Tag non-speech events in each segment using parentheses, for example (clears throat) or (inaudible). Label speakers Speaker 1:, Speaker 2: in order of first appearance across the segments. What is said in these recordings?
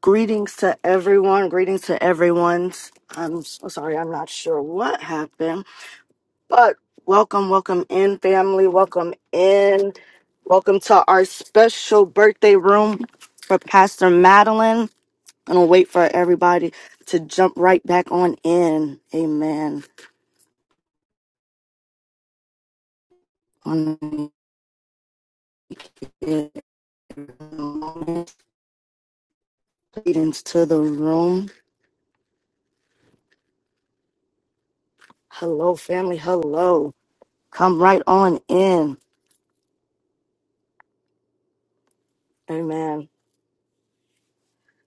Speaker 1: Greetings to everyone. Greetings to everyone. I'm so sorry, I'm not sure what happened, but welcome, welcome in, family. Welcome in. Welcome to our special birthday room for Pastor Madeline. I'm gonna wait for everybody to jump right back on in. Amen. One minute. Greetings to the room. Hello, family. Hello. Come right on in. Amen.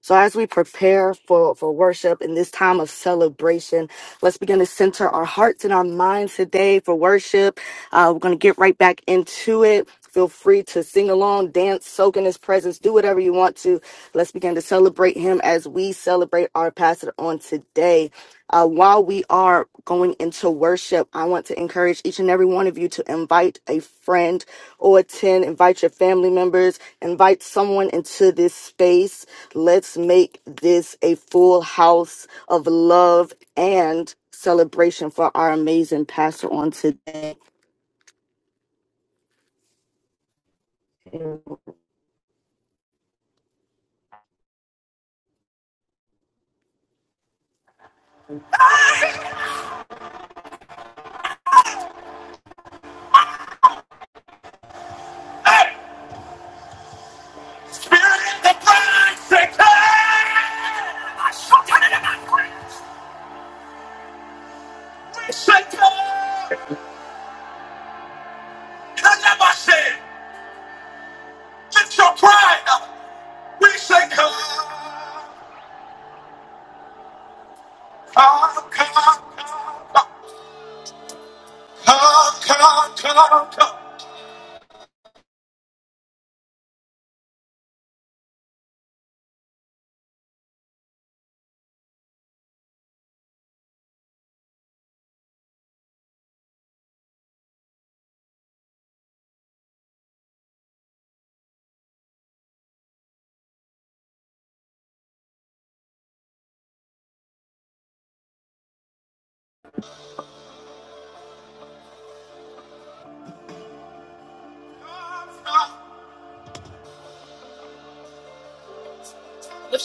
Speaker 1: So as we prepare for, for worship in this time of celebration, let's begin to center our hearts and our minds today for worship. Uh, we're going to get right back into it. Feel free to sing along, dance, soak in his presence, do whatever you want to. Let's begin to celebrate him as we celebrate our pastor on today. Uh, while we are going into worship, I want to encourage each and every one of you to invite a friend or attend, invite your family members, invite someone into this space Let's make this a full house of love and celebration for our amazing pastor on today. Hey! Spirit of the bride, say, "Come!" I shall tell you about grace. We say, "Come!" Come, let said say, lift your pride up. We say, "Come, come, come, come, come, come, come, come,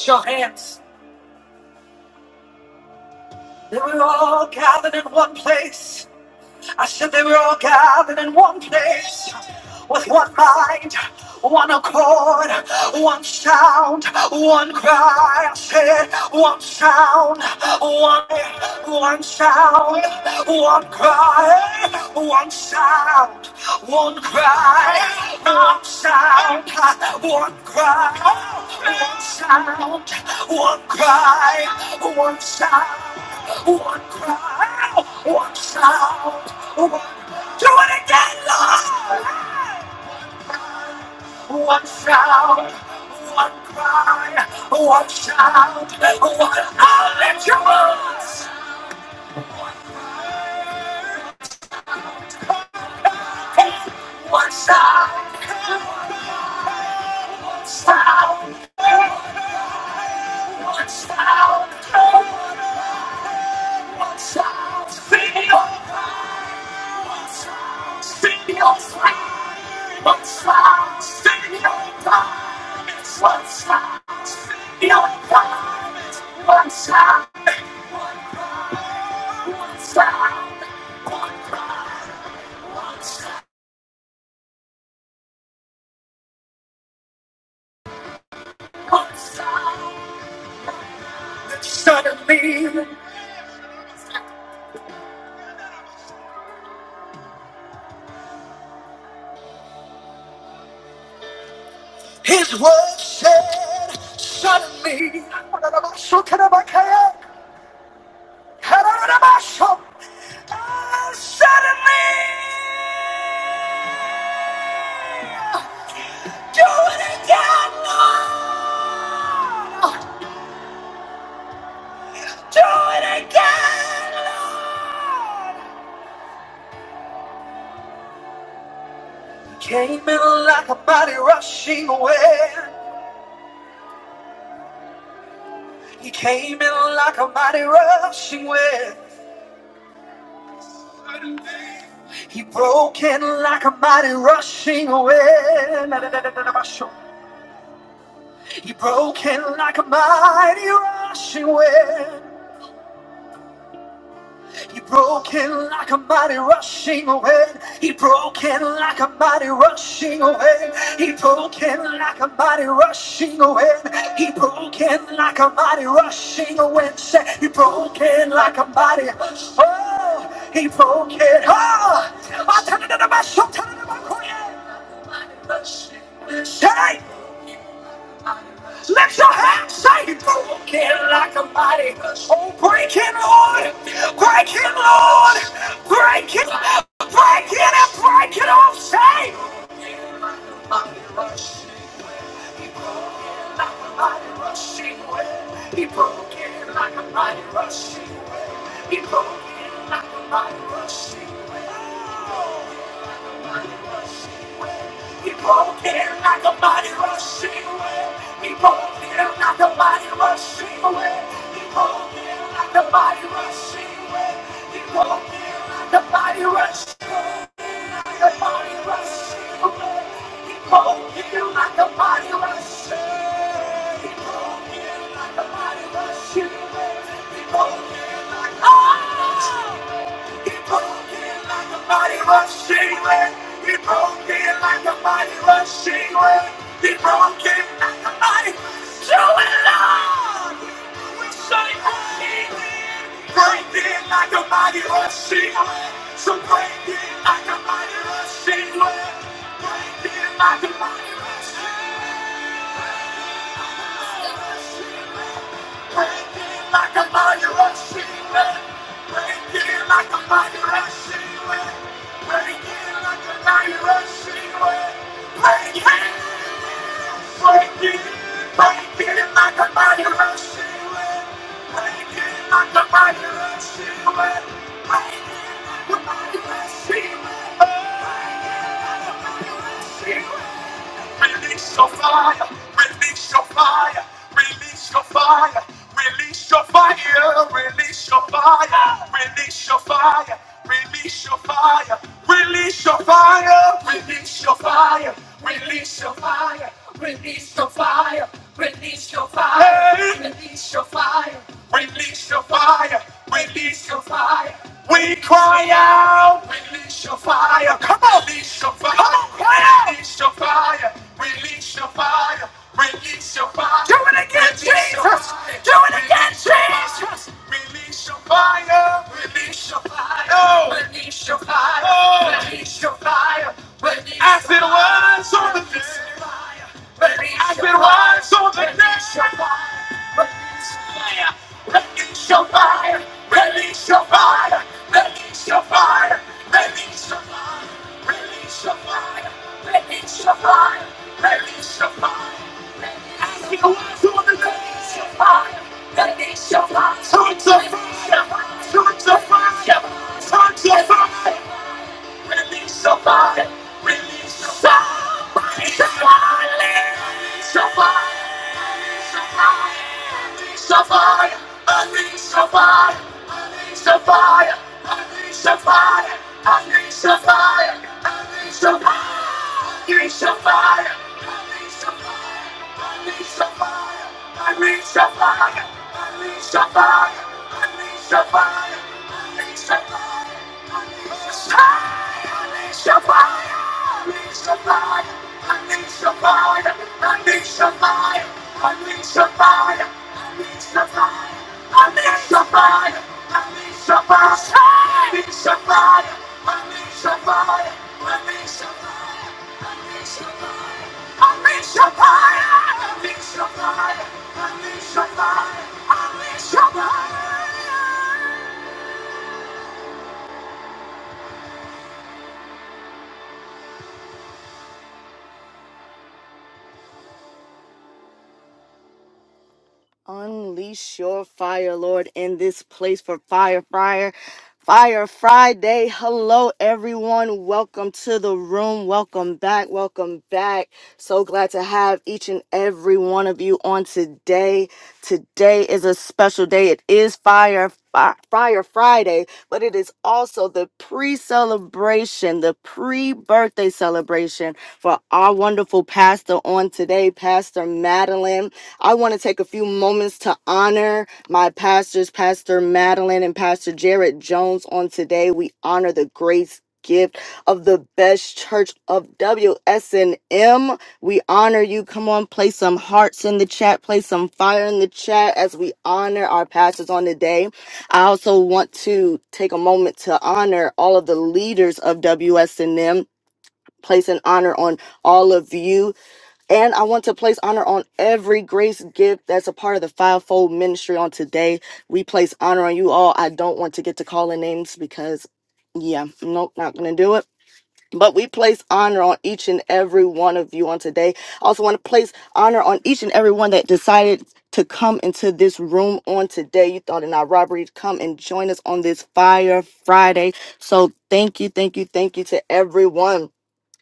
Speaker 1: Your hands. We're all gathered in one place. I said they were all gathered in one place with one mind, one accord, one sound, one cry. I said one sound, one, one sound, one cry, one sound, one cry, one sound, one cry, one sound, one cry, one sound, one cry. Watch out! Do it again, Lord! One shout, one cry, one shout, one i your let you move. One shout, sound, one sound, one shout, Feel. Suddenly, his word said, suddenly, Oh, suddenly, do it again, Lord. Do it again, Lord. Came in like a mighty rushing wind. He came in like a mighty rushing wind. He broke in like a mighty rushing wind. He broke in like a mighty rushing wind. He broke in like a mighty rushing wind. He broke in like a mighty rushing wind. He broke in like a mighty rushing wind. He broke in like a mighty rushing wind. Say, He broke in like a mighty. Oh, he broke in. Oh, I'm telling you about something about Korea. Say, Let your hands say broken like a body. Oh, break it, Lord. Break it, Lord. Break it. Break it and break it off. Say like a mighty rushing wind. He broke in like a mighty rushing wind. He broke in like a mighty rushing wind. He broke in like a mighty rushing wind. He broke in like a mighty rushing wind. He broke in like a mighty rushing wind. He broke in like a mighty rushing wind. like a mighty rushing wind. He broke in like a mighty rushing wind. He broke it like a mighty rushing wind. He broke it like a mighty rushing wind. We say break it, break it like a mighty rushing wind. So break it like a mighty rushing wind. Break it like a mighty rushing wind. Breaking like a mighty rushing Breaking like a mighty rushing wind. Breaking like a mighty rushing wind. Breaking, breaking, breaking like a mighty rushing wind. Breaking like a mighty rushing Breaking like a mighty rushing Breaking like Release your fire. Release your fire. Release your fire. Release your fire. Release your fire. Release your fire. Release your fire. Release your fire. Release your fire. Release your fire. Release your fire. Release your fire. Hey. Release your fire. Release your fire. Release your fire. Release your fire. We cry out. Release your fire. Come on. Release your fire. Come on, cry out. Release your fire. Release your fire. Release your fire. Do it again, Release your Jesus. fire. Do it again, Release your fire. Jesus. Fire. Release your fire. Release your fire. Oh. Release your fire. Oh. Release your fire. Release As your it fire. was on the day. Baby, I've been wise on the next your fire. Release your fire. Release your fire. Release your fire. Release your fire. Release your fire. Release your fire. Release your fire. Release your fire. I've been wise on the next your fire. Release your fire. Turn to fire. Turn to fire. Turn to fire. Release somebody. Release somebody. Release somebody. Unleash the fire, unleash the fire, unleash the fire, unleash the fire, unleash the fire, unleash the fire, unleash the fire, unleash the fire, unleash the fire, unleash the fire, fire, unleash the fire, fire. Unleash your fire! Unleash your fire! unleash your fire, Unleash your fire, Lord, in this place for Fire Fire. Fire Friday. Hello, everyone. Welcome to the room. Welcome back. Welcome back. So glad to have each and every one of you on today. Today is a special day. It is Fire Fi- Fire Friday, but it is also the pre celebration, the pre birthday celebration for our wonderful pastor on today, Pastor Madeline. I want to take a few moments to honor my pastors, Pastor Madeline and Pastor Jared Jones, on today. We honor the grace gift of the best church of WSNM. We honor you. Come on, play some hearts in the chat, Play some fire in the chat as we honor our pastors on today. I also want to take a moment to honor all of the leaders of WSNM, place an honor on all of you. And I want to place honor on every grace gift that's a part of the fivefold ministry on today. We place honor on you all. I don't want to get to calling names because, yeah, nope, not going to do it. But we place honor on each and every one of you on today. I also want to place honor on each and every one that decided to come into this room on today. You thought in our robbery, come and join us on this Fire Friday. So thank you, thank you, thank you to everyone.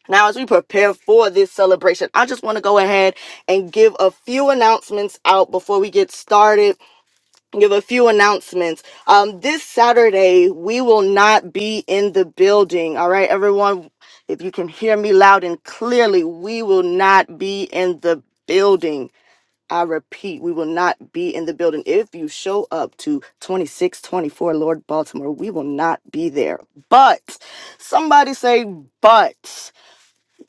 Speaker 1: Now, as we prepare for this celebration, I just want to go ahead and give a few announcements out before we get started give a few announcements. Um, this Saturday, we will not be in the building. All right, everyone, if you can hear me loud and clearly, we will not be in the building. I repeat, we will not be in the building. If you show up to 2624 Lord Baltimore, we will not be there. But somebody say, but.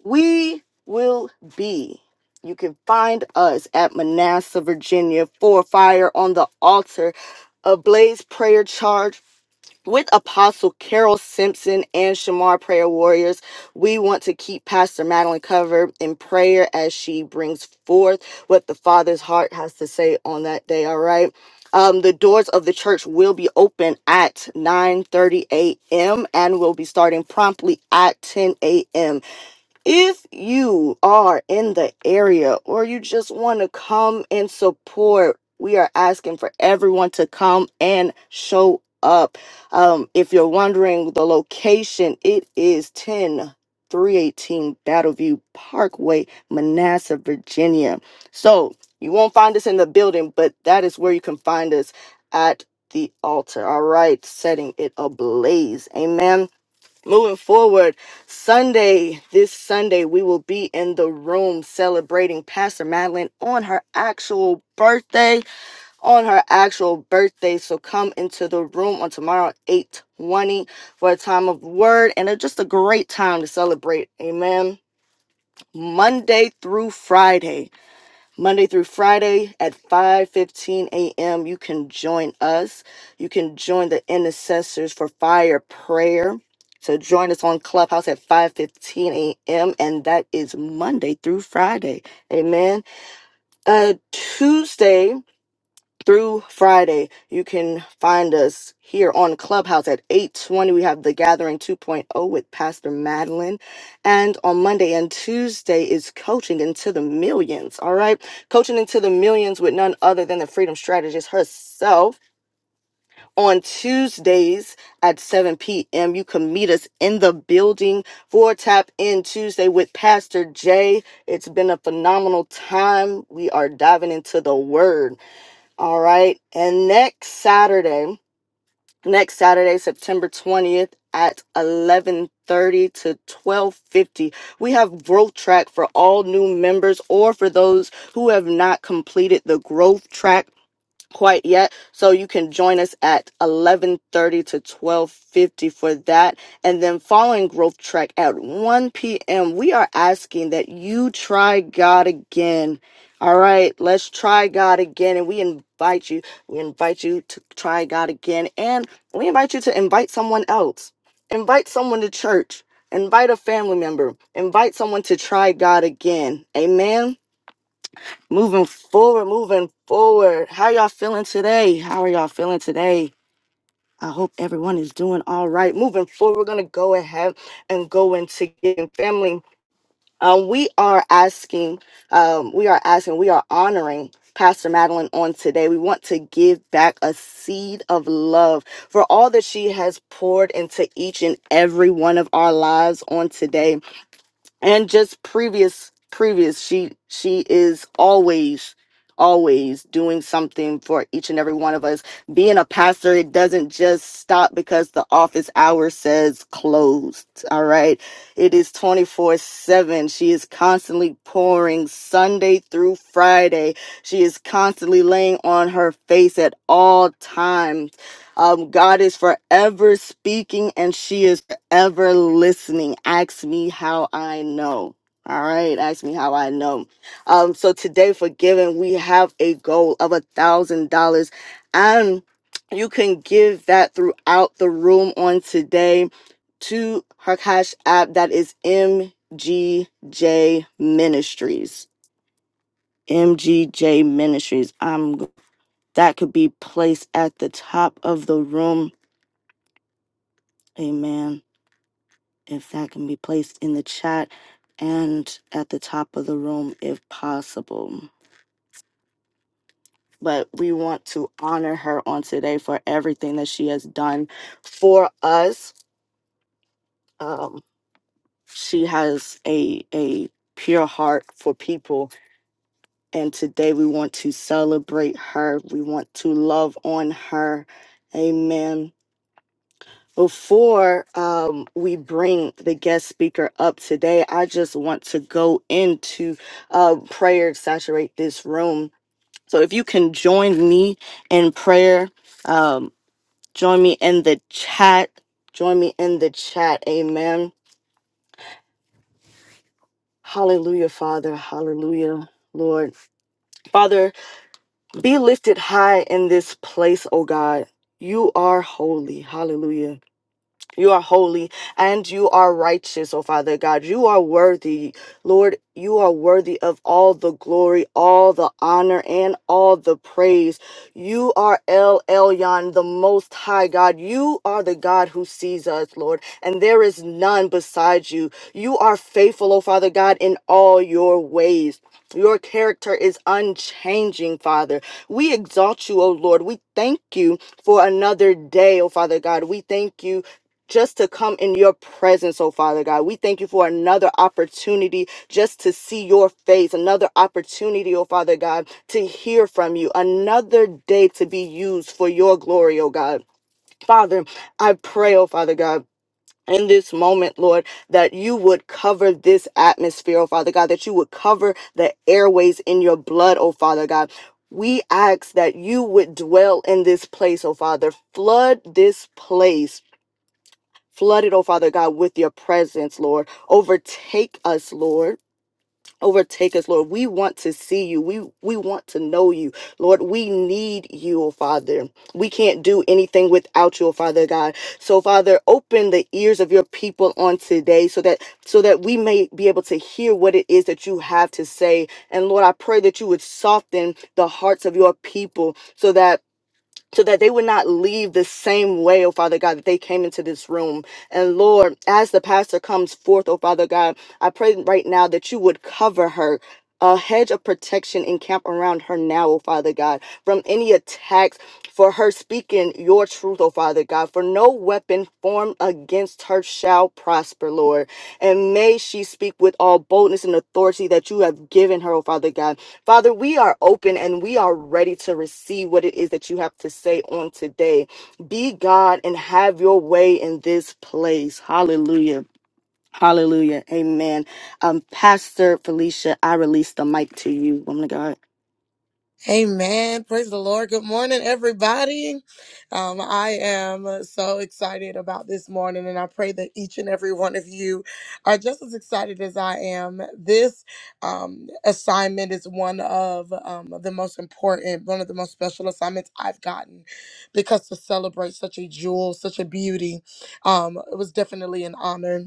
Speaker 1: We will be. You can find us at Manassas, Virginia, for Fire on the Altar, a Blaze Prayer Charge with Apostle Carol Simpson and Shamar Prayer Warriors. We want to keep Pastor Madeline covered in prayer as she brings forth what the Father's heart has to say on that day, all right? Um, the doors of the church will be open at 9:30 a.m. and will be starting promptly at 10 a.m. If you are in the area or you just want to come and support, we are asking for everyone to come and show up. Um, if you're wondering the location, it is ten three eighteen Battleview Parkway, Manassas, Virginia. So you won't find us in the building, but that is where you can find us at the altar. All right, setting it ablaze. Amen. Moving forward, Sunday, this Sunday, we will be in the room celebrating Pastor Madeline on her actual birthday. On her actual birthday. So come into the room on tomorrow, 820, for a time of word and a, just a great time to celebrate. Amen. Monday through Friday. Monday through Friday at 5:15 a.m. You can join us. You can join the intercessors for fire prayer. So join us on Clubhouse at 5:15 a.m. and that is Monday through Friday. Amen. Uh Tuesday through Friday. You can find us here on Clubhouse at 8:20. We have the Gathering 2.0 with Pastor Madeline, and on Monday and Tuesday is Coaching into the Millions. All right, Coaching into the Millions with none other than the Freedom Strategist herself. On Tuesdays at 7 p.m., you can meet us in the building for Tap In Tuesday with Pastor Jay. It's been a phenomenal time. We are diving into the Word. All right. And next Saturday, next Saturday, September 20th at 11:30 to 12:50, we have growth track for all new members or for those who have not completed the growth track quite yet so you can join us at 11.30 to 12.50 for that and then following growth track at 1 p.m we are asking that you try god again all right let's try god again and we invite you we invite you to try god again and we invite you to invite someone else invite someone to church invite a family member invite someone to try god again amen Moving forward, moving forward. How y'all feeling today? How are y'all feeling today? I hope everyone is doing all right. Moving forward, we're gonna go ahead and go into getting family. Um, we are asking, um, we are asking, we are honoring Pastor Madeline on today. We want to give back a seed of love for all that she has poured into each and every one of our lives on today and just previous previous she she is always always doing something for each and every one of us being a pastor it doesn't just stop because the office hour says closed all right it is 24 7 she is constantly pouring sunday through friday she is constantly laying on her face at all times um, god is forever speaking and she is ever listening, ask me how I know. All right, ask me how I know. Um, so today for giving, we have a goal of a thousand dollars, and you can give that throughout the room on today to her cash app that is MGJ Ministries. MGJ Ministries. Um, that could be placed at the top of the room. Amen. if that can be placed in the chat and at the top of the room if possible. But we want to honor her on today for everything that she has done for us. Um, she has a a pure heart for people, and today we want to celebrate her. We want to love on her. Amen Before um, we bring the guest speaker up today, I just want to go into uh, prayer, saturate this room. So if you can join me in prayer, um, join me in the chat. Join me in the chat. Amen. Hallelujah, Father. Hallelujah, Lord. Father, be lifted high in this place, oh God. You are holy. Hallelujah. You are holy and you are righteous, oh Father God. You are worthy, Lord. You are worthy of all the glory, all the honor, and all the praise. You are El Elyon, the Most High God. You are the God who sees us, Lord, and there is none beside you. You are faithful, oh Father God, in all your ways. Your character is unchanging, Father. We exalt you, O Lord. We thank you for another day, O Father God. We thank you just to come in your presence, oh Father God. We thank you for another opportunity just to see your face, another opportunity, oh Father God, to hear from you, another day to be used for your glory, oh God. Father, I pray, oh Father God. In this moment, Lord, that you would cover this atmosphere, oh Father God, that you would cover the airways in your blood, oh Father God. We ask that you would dwell in this place, oh Father. Flood this place Flood it, oh Father God, with your presence, Lord. Overtake us, Lord. Overtake us, Lord. We want to see you. We we want to know you. Lord, we need you, oh Father. We can't do anything without you, oh Father God. So, Father, open the ears of your people on today so that so that we may be able to hear what it is that you have to say. And Lord, I pray that you would soften the hearts of your people so that so that they would not leave the same way, oh Father God, that they came into this room. And Lord, as the pastor comes forth, oh Father God, I pray right now that you would cover her, a hedge of protection encamp around her now, O Father God, from any attacks for her speaking your truth, O Father God. For no weapon formed against her shall prosper, Lord. And may she speak with all boldness and authority that you have given her, O Father God. Father, we are open and we are ready to receive what it is that you have to say on today. Be God and have your way in this place. Hallelujah. Hallelujah. Amen. Um, Pastor Felicia, I release the mic to you, woman of God.
Speaker 2: Amen. Praise the Lord. Good morning, everybody. Um, I am so excited about this morning, and I pray that each and every one of you are just as excited as I am. This um, assignment is one of um, the most important, one of the most special assignments I've gotten because to celebrate such a jewel, such a beauty, um, it was definitely an honor.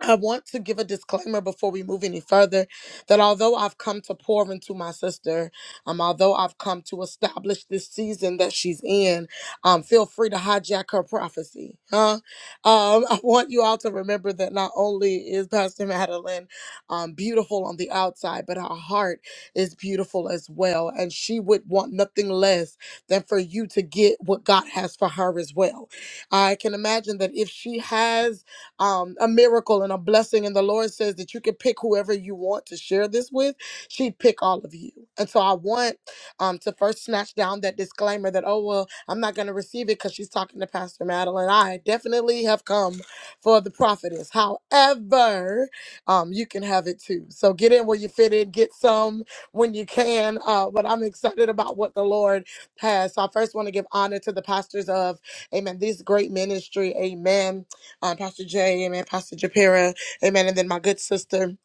Speaker 2: I want to give a disclaimer before we move any further that although I've come to pour into my sister, um, although I've come to establish this season that she's in, um, feel free to hijack her prophecy. Huh? Um, (laughs) I want you all to remember that not only is Pastor Madeline um, beautiful on the outside, but her heart is beautiful as well. And she would want nothing less than for you to get what God has for her as well. I can imagine that if she has um, a miracle and a blessing. And the Lord says that you can pick whoever you want to share this with. She'd pick all of you. And so I want um, to first snatch down that disclaimer that, oh, well, I'm not going to receive it because she's talking to Pastor Madeline. I definitely have come for the prophetess. However, um, you can have it too. So get in where you fit in, get some when you can. Uh, but I'm excited about what the Lord has. So I first want to give honor to the pastors of, amen, this great ministry. Amen um, Pastor Jay, Amen, Pastor Japira, Amen, and then my good sister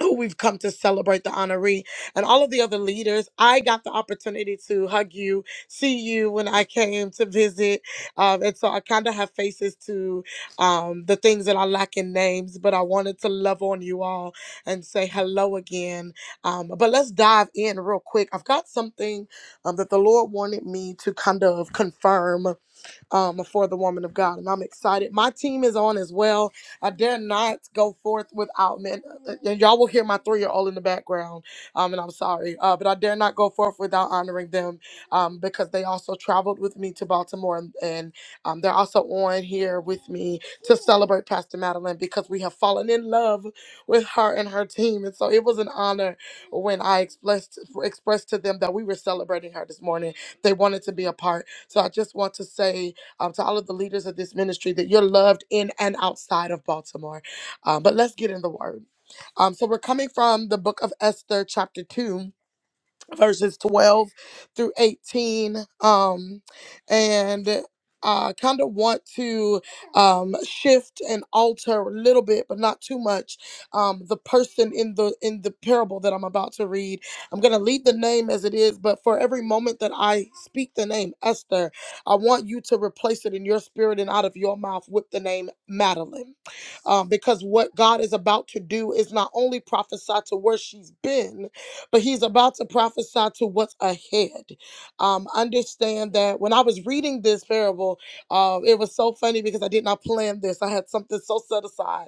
Speaker 2: who we've come to celebrate the honoree and all of the other leaders. I got the opportunity to hug you, see you when I came to visit, um, and so I kind of have faces to um, the things that I lack in names, but I wanted to love on you all and say hello again. Um, but let's dive in real quick. I've got something um, that the Lord wanted me to kind of confirm um, for the woman of God. And I'm excited. My team is on as well. I dare not go forth without men. And y'all will hear my three year old in the background. Um, and I'm sorry, uh, but I dare not go forth without honoring them um, because they also traveled with me to Baltimore. And, and um, they're also on here with me to celebrate Pastor Madeline because we have fallen in love with her and her team. And so it was an honor when I expressed, expressed to them that we were celebrating her this morning. They wanted to be a part. So I just want to say, um, to all of the leaders of this ministry that you're loved in and outside of Baltimore. Um, but let's get in the word. Um, so we're coming from the book of Esther, chapter 2 verses 12 through 18 um and I kind of want to um, shift and alter a little bit, but not too much. Um, the person in the in the parable that I'm about to read, I'm going to leave the name as it is, but for every moment that I speak the name Esther, I want you to replace it in your spirit and out of your mouth with the name Madeline, um, because what God is about to do is not only prophesy to where she's been, but he's about to prophesy to what's ahead. Um, understand that when I was reading this parable, uh, it was so funny because I did not plan this. I had something so set aside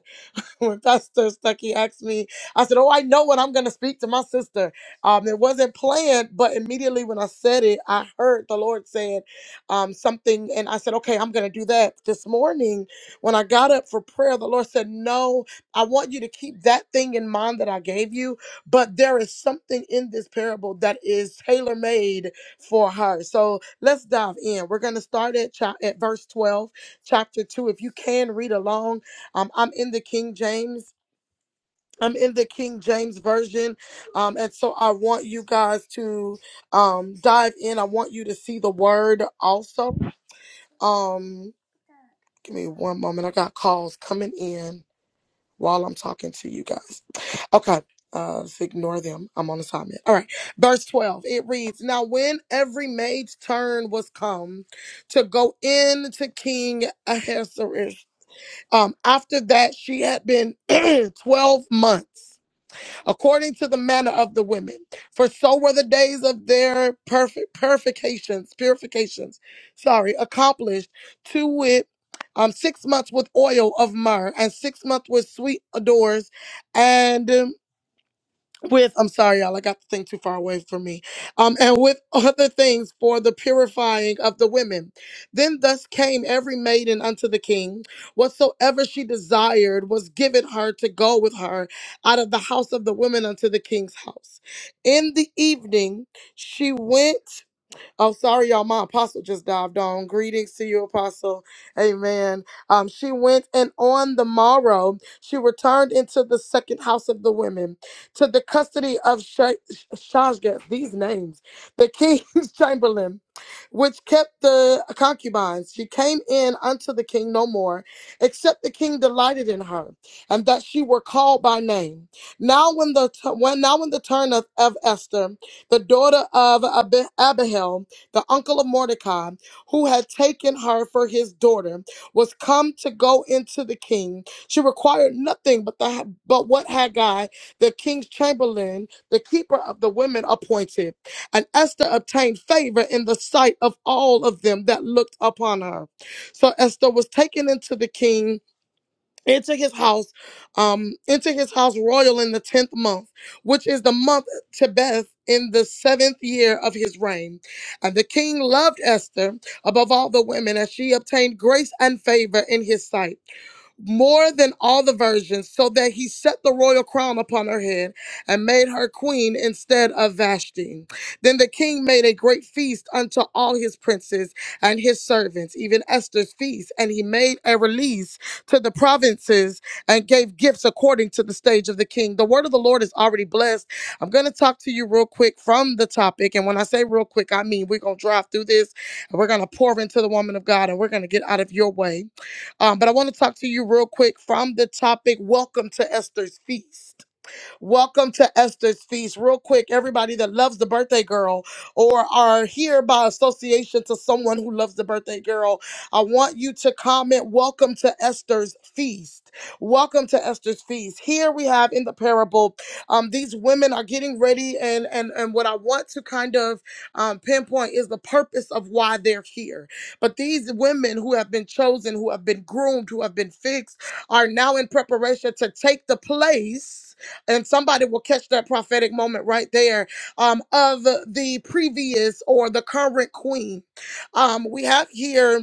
Speaker 2: (laughs) when Pastor Stuckey asked me, I said, "Oh, I know what I'm going to speak to my sister." Um, it wasn't planned, but immediately when I said it, I heard the Lord saying um, something, and I said, "Okay, I'm going to do that." This morning, when I got up for prayer, the Lord said, "No, I want you to keep that thing in mind that I gave you, but there is something in this parable that is tailor made for her." So let's dive in. We're going to start at cha- at verse 12, chapter two. If you can read along. Um, I'm in the King James. I'm in the King James version. Um, and so I want you guys to um dive in. I want you to see the word also. Um, give me one moment. I got calls coming in while I'm talking to you guys. Okay. Uh, so ignore them. I'm on assignment. All right. Verse 12. It reads, Now when every maid's turn was come to go in to King Ahasuerus, Um, after that, she had been (clears throat) 12 months, according to the manner of the women. For so were the days of their perfect purifications, purifications, sorry, accomplished to wit, um, six months with oil of myrrh and six months with sweet odors. And um, with I'm sorry, y'all, I got the thing too far away from me. Um, and with (laughs) other things for the purifying of the women. Then thus came every maiden unto the king. Whatsoever she desired was given her to go with her out of the house of the women unto the king's house. In the evening she went. Oh, sorry, y'all. My apostle just dived on. Greetings to you, apostle. Amen. Um, she went and on the morrow she returned into the second house of the women to the custody of Sha- Shashgaz, these names, the king's (laughs) chamberlain, which kept the concubines. She came in unto the king no more, except the king delighted in her, and that she were called by name. Now, when the when now when the turn of, of Esther, the daughter of Ab- Abihail, the uncle of Mordecai, who had taken her for his daughter, was come to go into the king. She required nothing but the but what Haggai, the king's chamberlain, the keeper of the women, appointed. And Esther obtained favor in the sight of all of them that looked upon her. So Esther was taken into the king into his house, um, into his house royal in the tenth month, which is the month Tebeth in the seventh year of his reign. And the king loved Esther above all the women, as she obtained grace and favor in his sight more than all the virgins, so that he set the royal crown upon her head and made her queen instead of Vashti. Then the king made a great feast unto all his princes and his servants, even Esther's feast, and he made a release to the provinces and gave gifts according to the stage of the king. The word of the Lord is already blessed. I'm going to talk to you real quick from the topic. And when I say real quick, I mean we're going to drive through this and we're going to pour into the woman of God and we're going to get out of your way. Um, but I want to talk to you real quick from the topic Welcome to Esther's Feast. Welcome to Esther's Feast. Real quick, everybody that loves the birthday girl or are here by association to someone who loves the birthday girl, I want you to comment, Welcome to Esther's Feast. Welcome to Esther's Feast. Here we have in the parable, um, these women are getting ready, and, and, and what I want to kind of um, pinpoint is the purpose of why they're here. But these women who have been chosen, who have been groomed, who have been fixed, are now in preparation to take the place and somebody will catch that prophetic moment right there um, of the previous or the current queen. Um, we have here.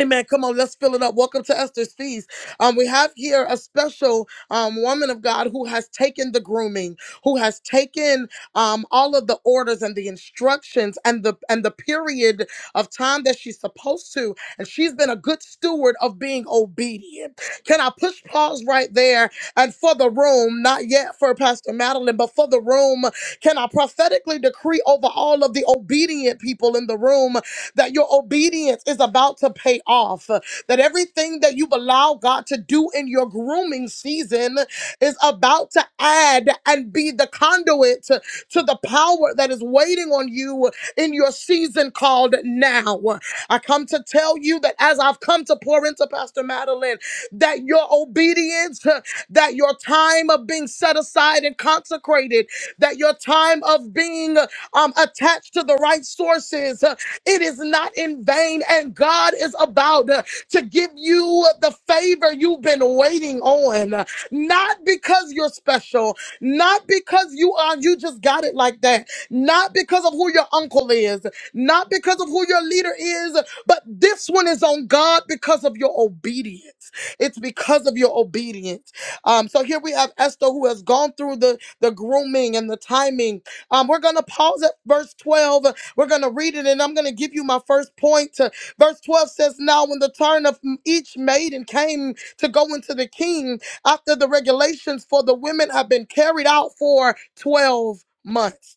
Speaker 2: Amen. Come on, let's fill it up. Welcome to Esther's Feast. Um, we have here a special um, woman of God who has taken the grooming, who has taken um, all of the orders and the instructions and the and the period of time that she's supposed to, and she's been a good steward of being obedient. Can I push pause right there? And for the room, not yet for Pastor Madeline, but for the room, can I prophetically decree over all of the obedient people in the room that your obedience is about to pay off, uh, that everything that you've allowed God to do in your grooming season is about to add and be the conduit to, to the power that is waiting on you in your season called now. I come to tell you that as I've come to pour into Pastor Madeline, that your obedience, uh, that your time of being set aside and consecrated, that your time of being uh, um, attached to the right sources, it is not in vain. And God is about uh, to give you the favor you've been waiting on. Uh, Not because you're special, not because you are, you just got it like that, not because of who your uncle is, not because of who your leader is, but this one is on God because of your obedience. It's because of your obedience. Um, so here we have Esther who has gone through the, the grooming and the timing. Um, we're going to pause at verse 12 we're going to read it and I'm going to give you my first point. Uh, Verse 12 says, Now when the turn of each maiden came to go into the king, after the regulations for the women have been carried out for 12 months.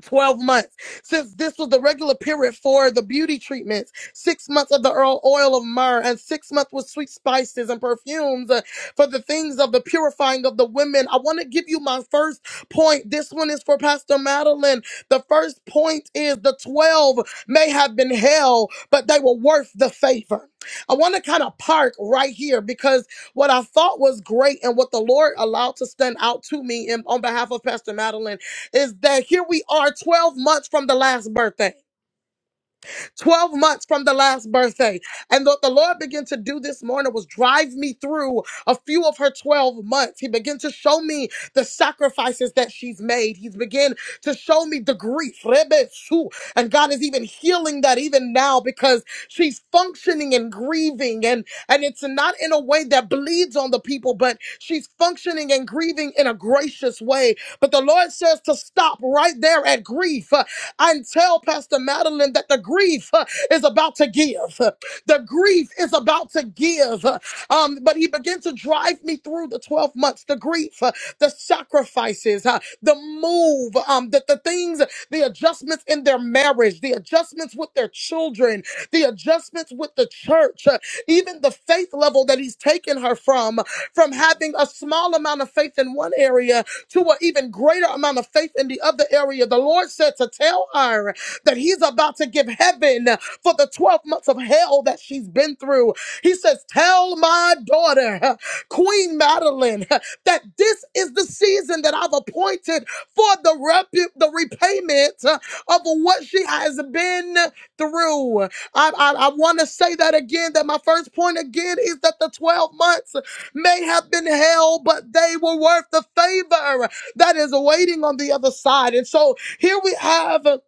Speaker 2: 12 months since this was the regular period for the beauty treatments six months of the oil of myrrh and six months with sweet spices and perfumes uh, for the things of the purifying of the women i want to give you my first point this one is for pastor madeline the first point is the 12 may have been hell but they were worth the favor i want to kind of park right here because what i thought was great and what the lord allowed to stand out to me in, on behalf of pastor madeline is that here we are 12 months from the last birthday. 12 months from the last birthday. And what the Lord began to do this morning was drive me through a few of her 12 months. He began to show me the sacrifices that she's made. He's began to show me the grief. Rebe And God is even healing that even now because she's functioning and grieving. And, and it's not in a way that bleeds on the people, but she's functioning and grieving in a gracious way. But the Lord says to stop right there at grief and tell Pastor Madeline that the grief uh, is about to give. The grief is about to give. Um, but he began to drive me through the 12 months, the grief, uh, the sacrifices, uh, the move, um, the, the things, the adjustments in their marriage, the adjustments with their children, the adjustments advancements with the church, uh, even the faith level that he's taken her from, from having a small amount of faith in one area to an even greater amount of faith in the other area. The Lord said to tell her that he's about to give heaven for the 12 months of hell that she's been through. He says, Tell my daughter, (laughs) Queen Madeline, that this is the season that I've appointed for the, repu- the repayment uh, of what she has been through. I, I, I want to say that again that my first point again is that the 12 months may have been hell, but they were worth the favor that is waiting on the other side. And so here we have.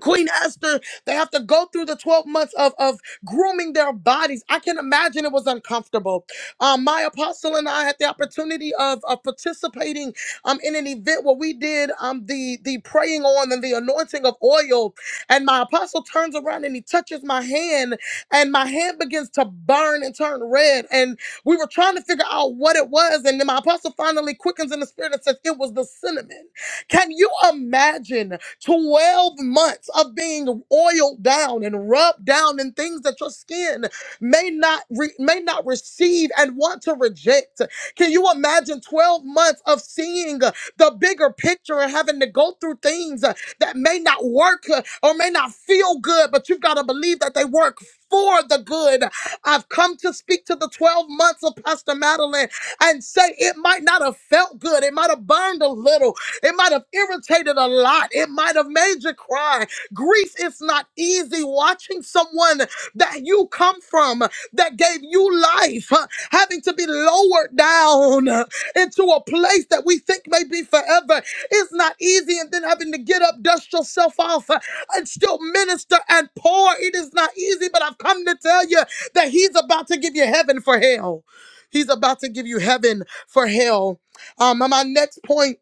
Speaker 2: Queen Esther, they have to go through the 12 months of, of grooming their bodies. I can imagine it was uncomfortable. Um, my apostle and I had the opportunity of, of participating um, in an event where we did um, the, the praying on and the anointing of oil. And my apostle turns around and he touches my hand, and my hand begins to burn and turn red. And we were trying to figure out what it was. And then my apostle finally quickens in the spirit and says, It was the cinnamon. Can you imagine? 12 months of being oiled down and rubbed down in things that your skin may not re- may not receive and want to reject. Can you imagine 12 months of seeing uh, the bigger picture and having to go through things uh, that may not work uh, or may not feel good, but you've got to believe that they work for the good. I've come to speak to the 12 months of Pastor Madeline and say it might not have felt good. It might have burned a little, it might have irritated a lot. It might have made you cry. Grief is not easy. Watching someone that you come from that gave you life huh, having to be lowered down uh, into a place that we think may be forever is not easy. And then having to get up, dust yourself off, uh, and still minister and pour. It is not easy, but I've come to tell you that He's about to give you heaven for hell. He's about to give you heaven for hell. Um, and my next point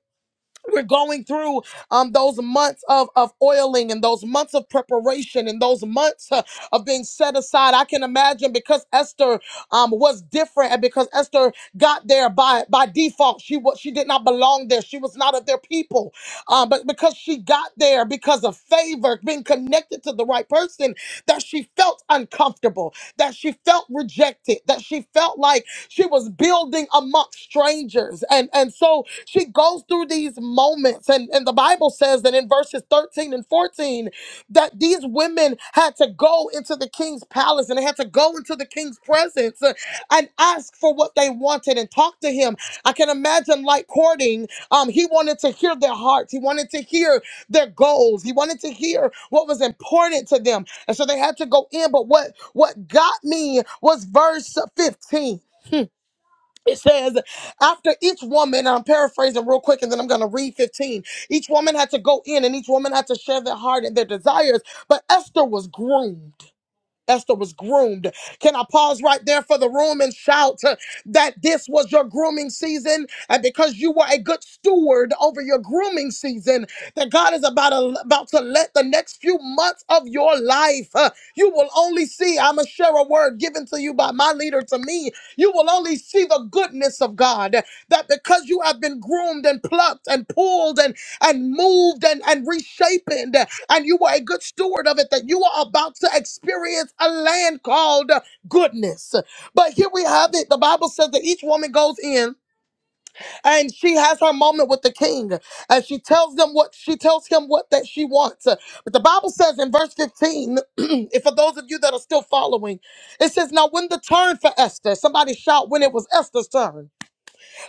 Speaker 2: we're going through um, those months of, of oiling and those months of preparation and those months uh, of being set aside. I can imagine because Esther um, was different and because Esther got there by, by default. She was she did not belong there. She was not of their people, um, but because she got there because of favor, being connected to the right person, that she felt uncomfortable, that she felt rejected, that she felt like she was building amongst strangers. And, and so she goes through these moments. And, and the Bible says that in verses 13 and 14, that these women had to go into the king's palace and they had to go into the king's presence uh, and ask for what they wanted and talk to him. I can imagine, like courting, um, he wanted to hear their hearts, he wanted to hear their goals, he wanted to hear what was important to them. And so they had to go in. But what, what got me was verse 15 it says after each woman and i'm paraphrasing real quick and then i'm going to read 15 each woman had to go in and each woman had to share their heart and their desires but esther was groomed Esther was groomed. Can I pause right there for the room and shout uh, that this was your grooming season? And because you were a good steward over your grooming season, that God is about, about to let the next few months of your life, uh, you will only see, I'm going to share a word given to you by my leader to me. You will only see the goodness of God. That because you have been groomed and plucked and pulled and, and moved and, and reshaped, and you were a good steward of it, that you are about to experience a land called goodness. But here we have it. The Bible says that each woman goes in and she has her moment with the king and she tells them what she tells him what that she wants. But the Bible says in verse 15, (clears throat) if for those of you that are still following, it says, Now when the turn for Esther, somebody shout when it was Esther's turn.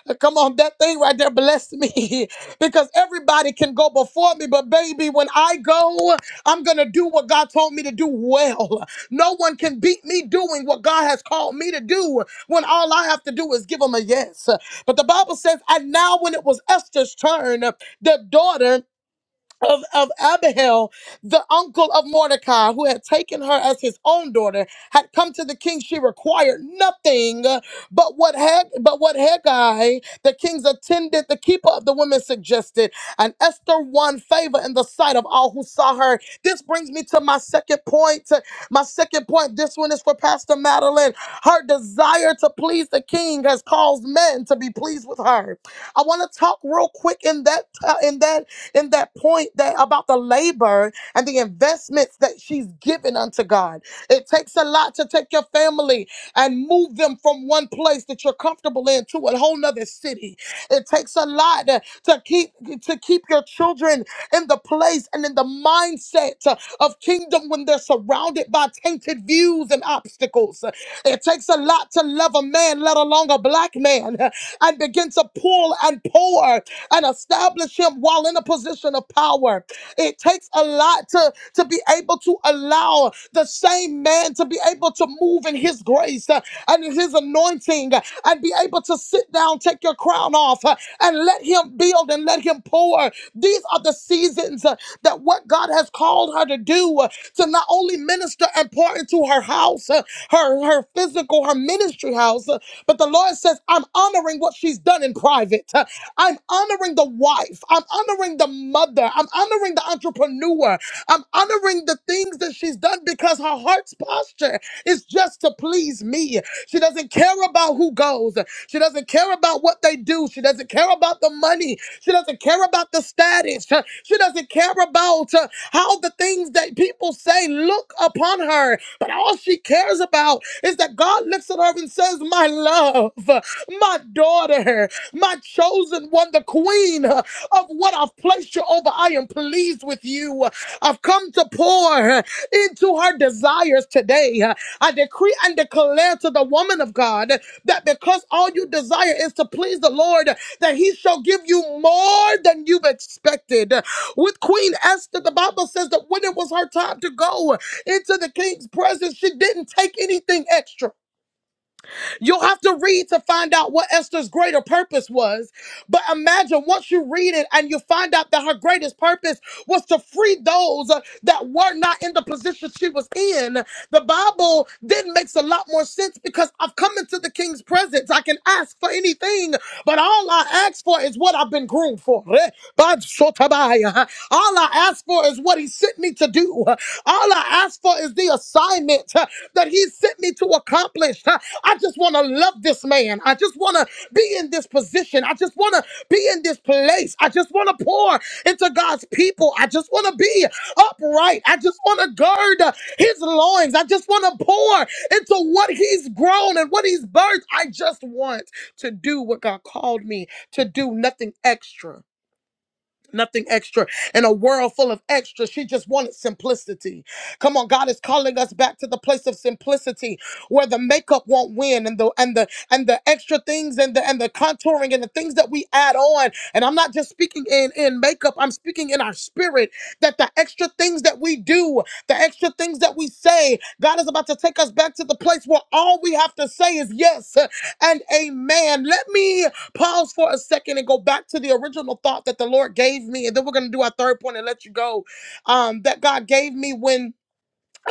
Speaker 2: Uh, Come on, that thing right there blessed me (laughs) because everybody can go before me, but baby, when I go, I'm going to do what God told me to do well. No one can beat me doing what God has called me to do when all I have to do is give him a yes. But the Bible says, and now when it was Esther's turn, the daughter of, of Abihail, the uncle of Mordecai, who had taken her as his own daughter, had come to the king. She required nothing uh, but what had but what Haggai, the king's attendant, the keeper of the women, suggested. And Esther won favor in the sight of all who saw her. This brings me to my second point. My second point. This one is for Pastor Madeline. Her desire to please the king has caused men to be pleased with her. I want to talk real quick in that uh, in that in that point that about the labor and the investments that she's given unto God. It takes a lot to take your family and move them from one place that you're comfortable in to a whole nother city. It takes a lot to, to keep to keep your children in the place and in the mindset uh, of kingdom when they're surrounded by tainted views issues and obstacles. It takes a lot to love a man, let alone a black man, and begin to pull and pour and establish him while in a position of power. It takes a lot to, to be able to allow the same man to be able to move in his grace uh, and in his anointing uh, and be able to sit down, take your crown off, uh, and let him build and let him pour. These are the seasons uh, that what God has called her to do, uh, to not not only minister and pour into her house, uh, her, her physical, her ministry house, uh, but the Lord says, I'm honoring what she's done in private. Uh, I'm honoring the wife. I'm honoring the mother. I'm honoring the entrepreneur. I'm honoring the things that she's done because her heart's posture is just to please me. She doesn't care about who goes. She doesn't care about what they do. She doesn't care about the money. She doesn't care about the status. She doesn't care about uh, how the things that people say look upon her, but all she cares about is that God looks at her and says, My love, my daughter, my chosen one, the queen of what I've placed you over. I am pleased with you. I've come to pour into her desires today. I decree and declare to the woman of God that because all you desire is to please the Lord, that He shall give you more than you've expected. With Queen Esther, the Bible says that when it was her time to go into the king's presence, she didn't take anything extra. You'll have to read to find out what Esther's greater purpose was. But imagine once you read it and you find out that her greatest purpose was to free those uh, that were not in the position she was in. The Bible then makes a lot more sense because I've come into the king's presence. I can ask for anything but all I ask for is what I've been groomed for. Eh, Bad Sotabaya. All I ask for is what he sent me to do. All I ask for is the assignment eh, that he sent me to accomplish. Eh, I just want to love this man. I just want to be in this position. I just want to be in this place. I just want to pour into God's people. I just want to be upright. I just want to gird uh, his loins. I just want to pour into what he's grown and what he's birthed. I just want to do what God called me to do, nothing extra. Nothing extra in a world full of extra. She just wanted simplicity. Come on, God is calling us back to the place of simplicity where the makeup won't win and the and the and the extra things and the and the contouring and the things that we add on. And I'm not just speaking in in makeup, I'm speaking in our spirit that the extra things that we do, the extra things that we say, God is about to take us back to the place where all we have to say is yes and amen. Let me Pause for a second and go back to the original thought that the Lord gave me. And then we're going to do our third point and let you go. Um, that God gave me when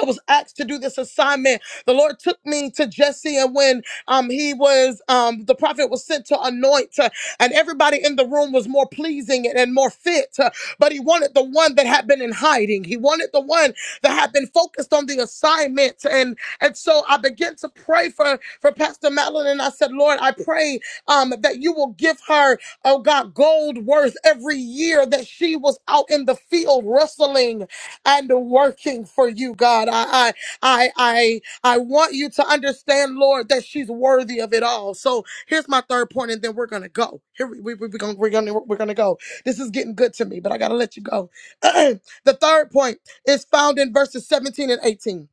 Speaker 2: I was asked to do this assignment. The Lord took me to Jesse, and when um, he was, um, the prophet was sent to anoint, uh, and everybody in the room was more pleasing and, and more fit. uh, but he wanted the one that had been in hiding. He wanted the one that had been focused on the assignment. And and so I began to pray for for Pastor Madeline, and I said, Lord, I pray um, that you will give her, oh God, gold worth every year that she was out in the field wrestling and working for you, God. I, I, I, I, I want you to understand, Lord, that she's worthy of it all. So here's my third point, and then we're gonna go. Here we, we, we're gonna we're gonna we're gonna go. This is getting good to me, but I gotta let you go. (clears throat) the third point is found in verses 17 and 18.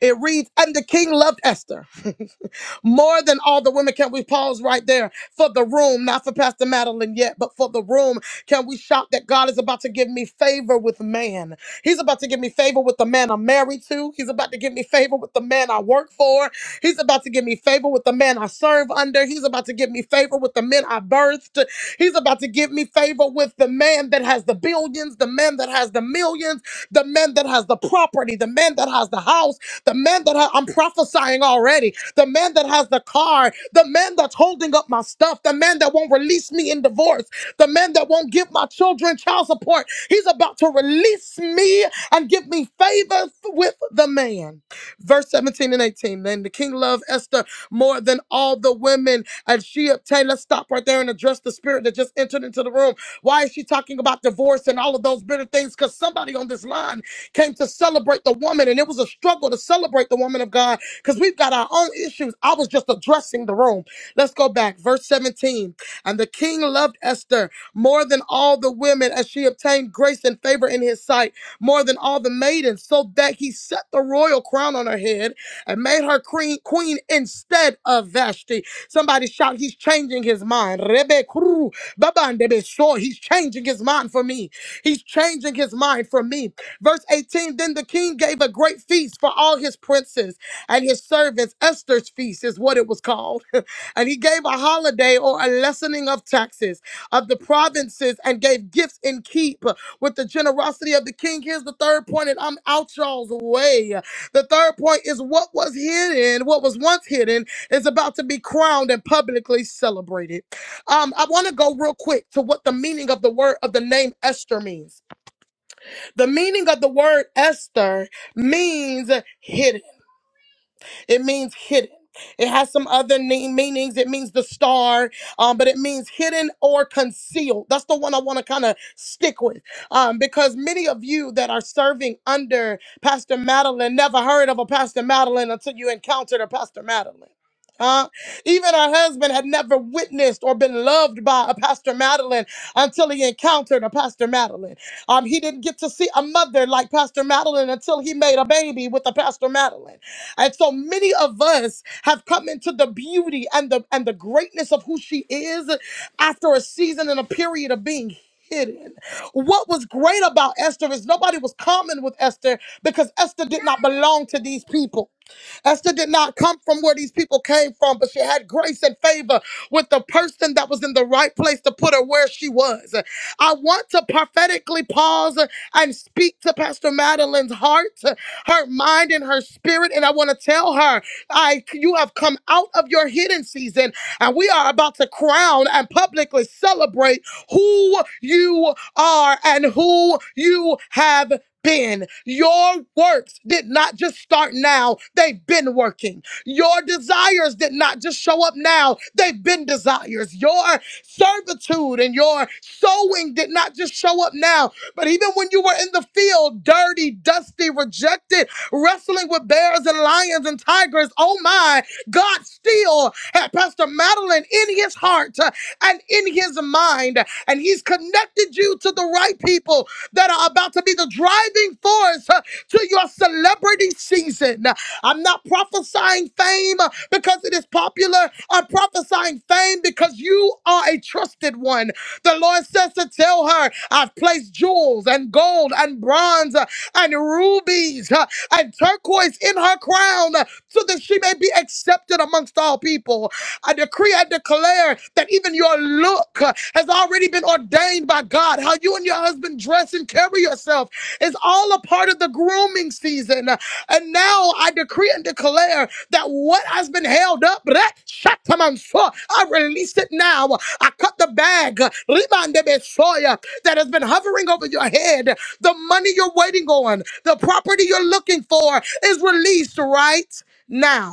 Speaker 2: It reads, "And the king loved Esther." (laughs) more than all the women. Can we pause right there for the room? Not for Pastor Madeline yet, but for the room. Can we shout that God is about to give me favor with man? He's about to give me favor with the man I'm married to. He's about to give me favor with the man I work for. He's about to give me favor with the man I serve under. He's about to give me favor with the men I birthed. He's about to give me favor with the man that has the billions, the man that has the millions, the man that has the property, the man that has the house the man that ha- I'm prophesying already, the man that has the car, the man that's holding up my stuff, the man that won't release me in divorce, the man that won't give my children child support. He's about to release me and give me favor with the man. Verse 17 and 18. Then the king loved Esther more than all the women, and she obtained. Let's stop right there and address the spirit that just entered into the room. Why is she talking about divorce and all of those bitter things? Because somebody on this line came to celebrate the woman, and it was a struggle to celebrate the woman of God because we've got our own own issues. I was just addressing the room. Let's go back. Verse 17. And the king loved Esther more than all the women, as she obtained grace and favor in his sight, more than all the maidens, so that he set the royal crown on her head and made her queen, queen instead of Vashti. Somebody shout, He's changing his mind. Rebe kuru, babandebe sho. He's changing his mind for me. He's changing his mind for me. Verse 18 Then the king gave a great feast for all his princes and his servants Esther's feast is what it was called. (laughs) and he gave a holiday or a lessening of taxes of the provinces and gave gifts in keep with the generosity of the king. Here's the third point, and I'm out y'all's way. The third point is what was hidden, what was once hidden, is about to be crowned and publicly celebrated. Um, I want to go real quick to what the meaning of the word of the name Esther means. The meaning of the word Esther means hidden. It means hidden. It has some other name, meanings. It means the star, um, but it means hidden or concealed. That's the one I want to kind of stick with um, because many of you that are serving under Pastor Madeline never heard of a Pastor Madeline until you encountered a Pastor Madeline. Huh? Even her husband had never witnessed or been loved by a Pastor Madeline until he encountered a Pastor Madeline. Um, he didn't get to see a mother like Pastor Madeline until he made a baby with a Pastor Madeline. And so many of us have come into the beauty and the and the greatness of who she is after a season and a period of being hidden. What was great about Esther is nobody was common with Esther because Esther did not belong to these people. Esther did not come from where these people came from, but she had grace and favor with the person that was in the right place to put her where she was. I want to prophetically pause and speak to Pastor Madeline's heart, her mind, and her spirit. And I want to tell her, I you have come out of your hidden season, and we are about to crown and publicly celebrate who you are and who you have been. Your works did not just start now, they've been working. Your desires did not just show up now, they've been desires. Your servitude and your sowing did not just show up now, but even when you were in the field, dirty, dusty, rejected, wrestling with bears and lions and tigers, oh my, God still had Pastor Madeline in his heart uh, and in his mind, and he's connected you to the right people that are about to be the driving force uh, to your celebrity season. I'm not prophesying fame uh, because it is popular. I'm prophesying fame because you are a trusted one. The Lord says to tell her, I've placed jewels and gold and bronze uh, and rubies uh, and turquoise in her crown uh, so that she may be accepted amongst all people. I decree and declare that even your look uh, has already been ordained by God. How you and your husband dress and carry yourself it's all a part of the grooming season. And now I decree and declare that what has been held up, bleh, shatamanso, I release it now. I cut the bag ribandebesoya, that has been hovering over your head. The money you're waiting on, the property you're looking for is released right now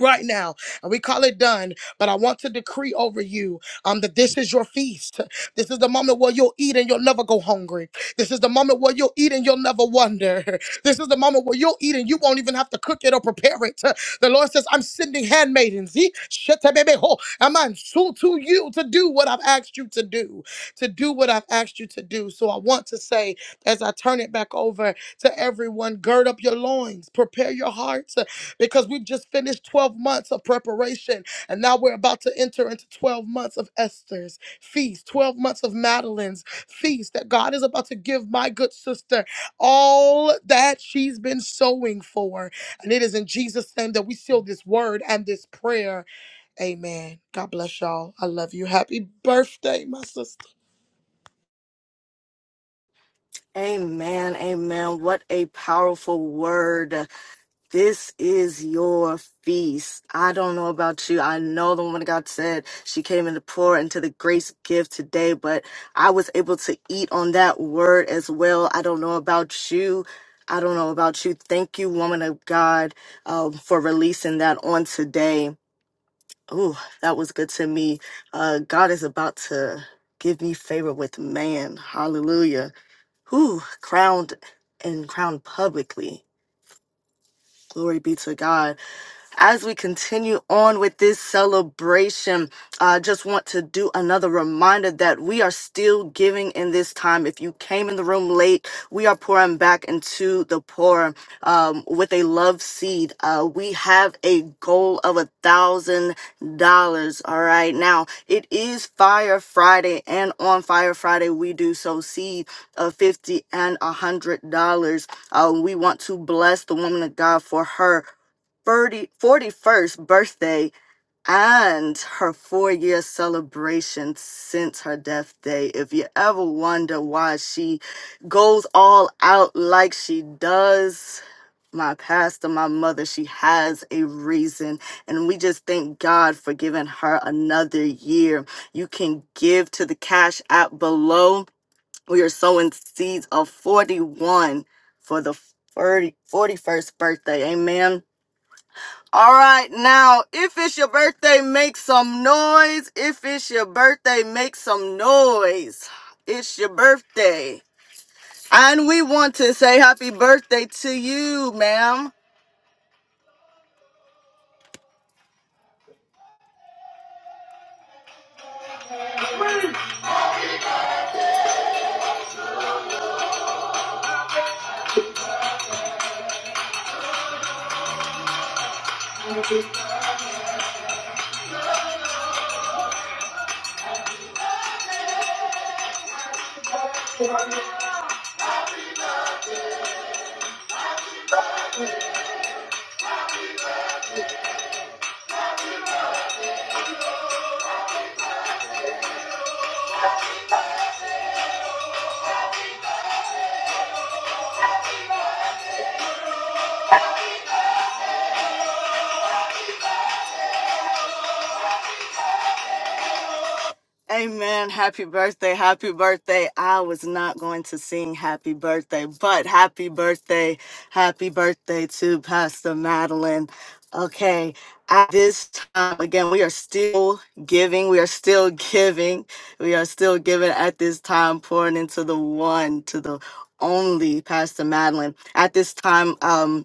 Speaker 2: right now and we call it done but i want to decree over you um that this is your feast this is the moment where you'll eat and you'll never go hungry this is the moment where you'll eat and you'll never wonder (laughs) this is the moment where you'll eat and you won't even have to cook it or prepare it the lord says i'm sending handmaidens ye shetebebeho, amansu, to you to do what i've asked you to do to do what i've asked you to do so i want to say as i turn it back over to everyone gird up your loins prepare your hearts because we've just finished 12 months of preparation and now we're about to enter into 12 months of Esther's feast, 12 months of Madeline's feast that God is about to give my good sister all that she's been sowing for. And it is in Jesus' name that we seal this word and this prayer. Amen. God bless y'all. I love you. Happy birthday, my sister.
Speaker 1: Amen. Amen. What a powerful word. This is your feast. I don't know about you. I know the woman of God said she came in to pour into the grace gift today, but I was able to eat on that word as well. I don't know about you. I don't know about you. Thank you, woman of God, um, for releasing that on today. Oh, that was good to me. Uh, God is about to give me favor with man. Hallelujah. Who crowned and crowned publicly. Glory be to God. As we continue on with this celebration, I just want to do another reminder that we are still giving in this time. If you came in the room late, we are pouring back into the poor um, with a love seed. Uh, we have a goal of a thousand dollars. All right, now it is Fire Friday, and on Fire Friday we do sow seed of fifty and a hundred dollars. Uh, we want to bless the woman of God for her 30, forty-first birthday and her four year celebration since her death day. If you ever wonder why she goes all out like she does, my pastor, my mother, she has a reason. And we just thank God for giving her another year. You can give to the cash app below. We are sowing seeds of 41 for the 30, forty-first birthday. Amen all right, now, if it's your birthday, make some noise. If it's your birthday, make some noise. It's your birthday. And we want to say happy birthday to you, ma'am. Amen. Happy birthday. Happy birthday. I was not going to sing happy birthday, but happy birthday. Happy birthday to Pastor Madeline. Okay. At this time, again, we are still giving. We are still giving. We are still giving at this time, pouring into the one, to the only Pastor Madeline. At this time, um,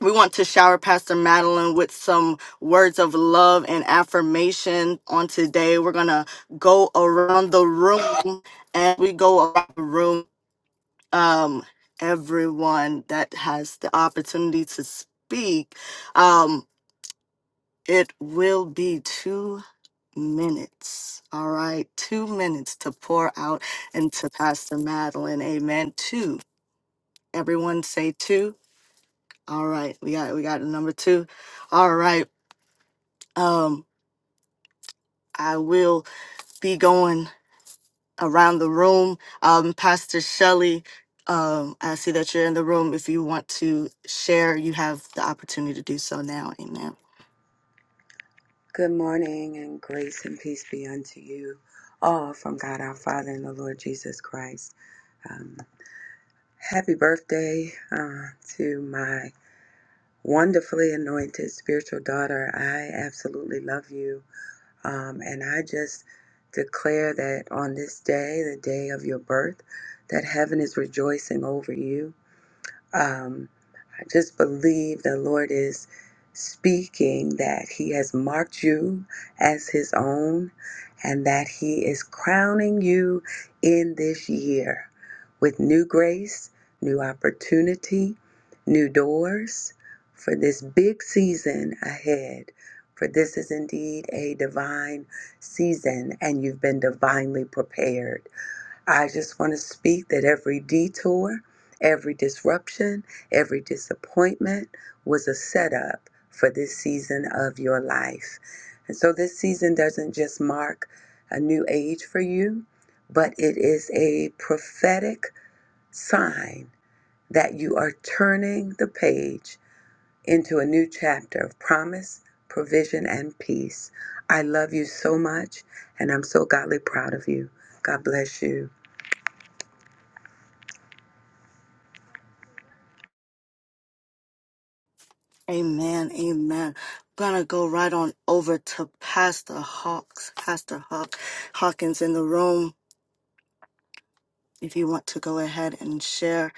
Speaker 1: we want to shower Pastor Madeline with some words of love and affirmation on today. We're going to go around the room and we go around the room. Um, everyone that has the opportunity to speak, um, it will be two minutes. All right. Two minutes to pour out into Pastor Madeline. Amen. Two. Everyone say two. All right. We got, we got a number two. All right. Um, I will be going around the room. Um, Pastor Shelley, um, I see that you're in the room. If you want to share, you have the opportunity to do so now. Amen.
Speaker 3: Good morning, and grace and peace be unto you all from God our Father and the Lord Jesus Christ. Um, happy birthday uh, to my wonderfully anointed spiritual daughter. I absolutely love you. Um, and I just declare that on this day, the day of your birth, that heaven is rejoicing over you. Um, I just believe the Lord is speaking that He has marked you as His own and that He is crowning you in this year with new grace, new opportunity, new doors for this big season ahead. For this is indeed a divine season, and you've been divinely prepared. I just want to speak that every detour, every disruption, every disappointment was a setup for this season of your life. And so this season doesn't just mark a new age for you, but it is a prophetic sign that you are turning the page into a new chapter of promise, provision, and peace. I love you so much, and I'm so godly proud of you. God bless you.
Speaker 1: Amen. Amen. gonna go right on over to Pastor Hawks, Pastor Hawk Hawkins in the room. If you want to go ahead and share,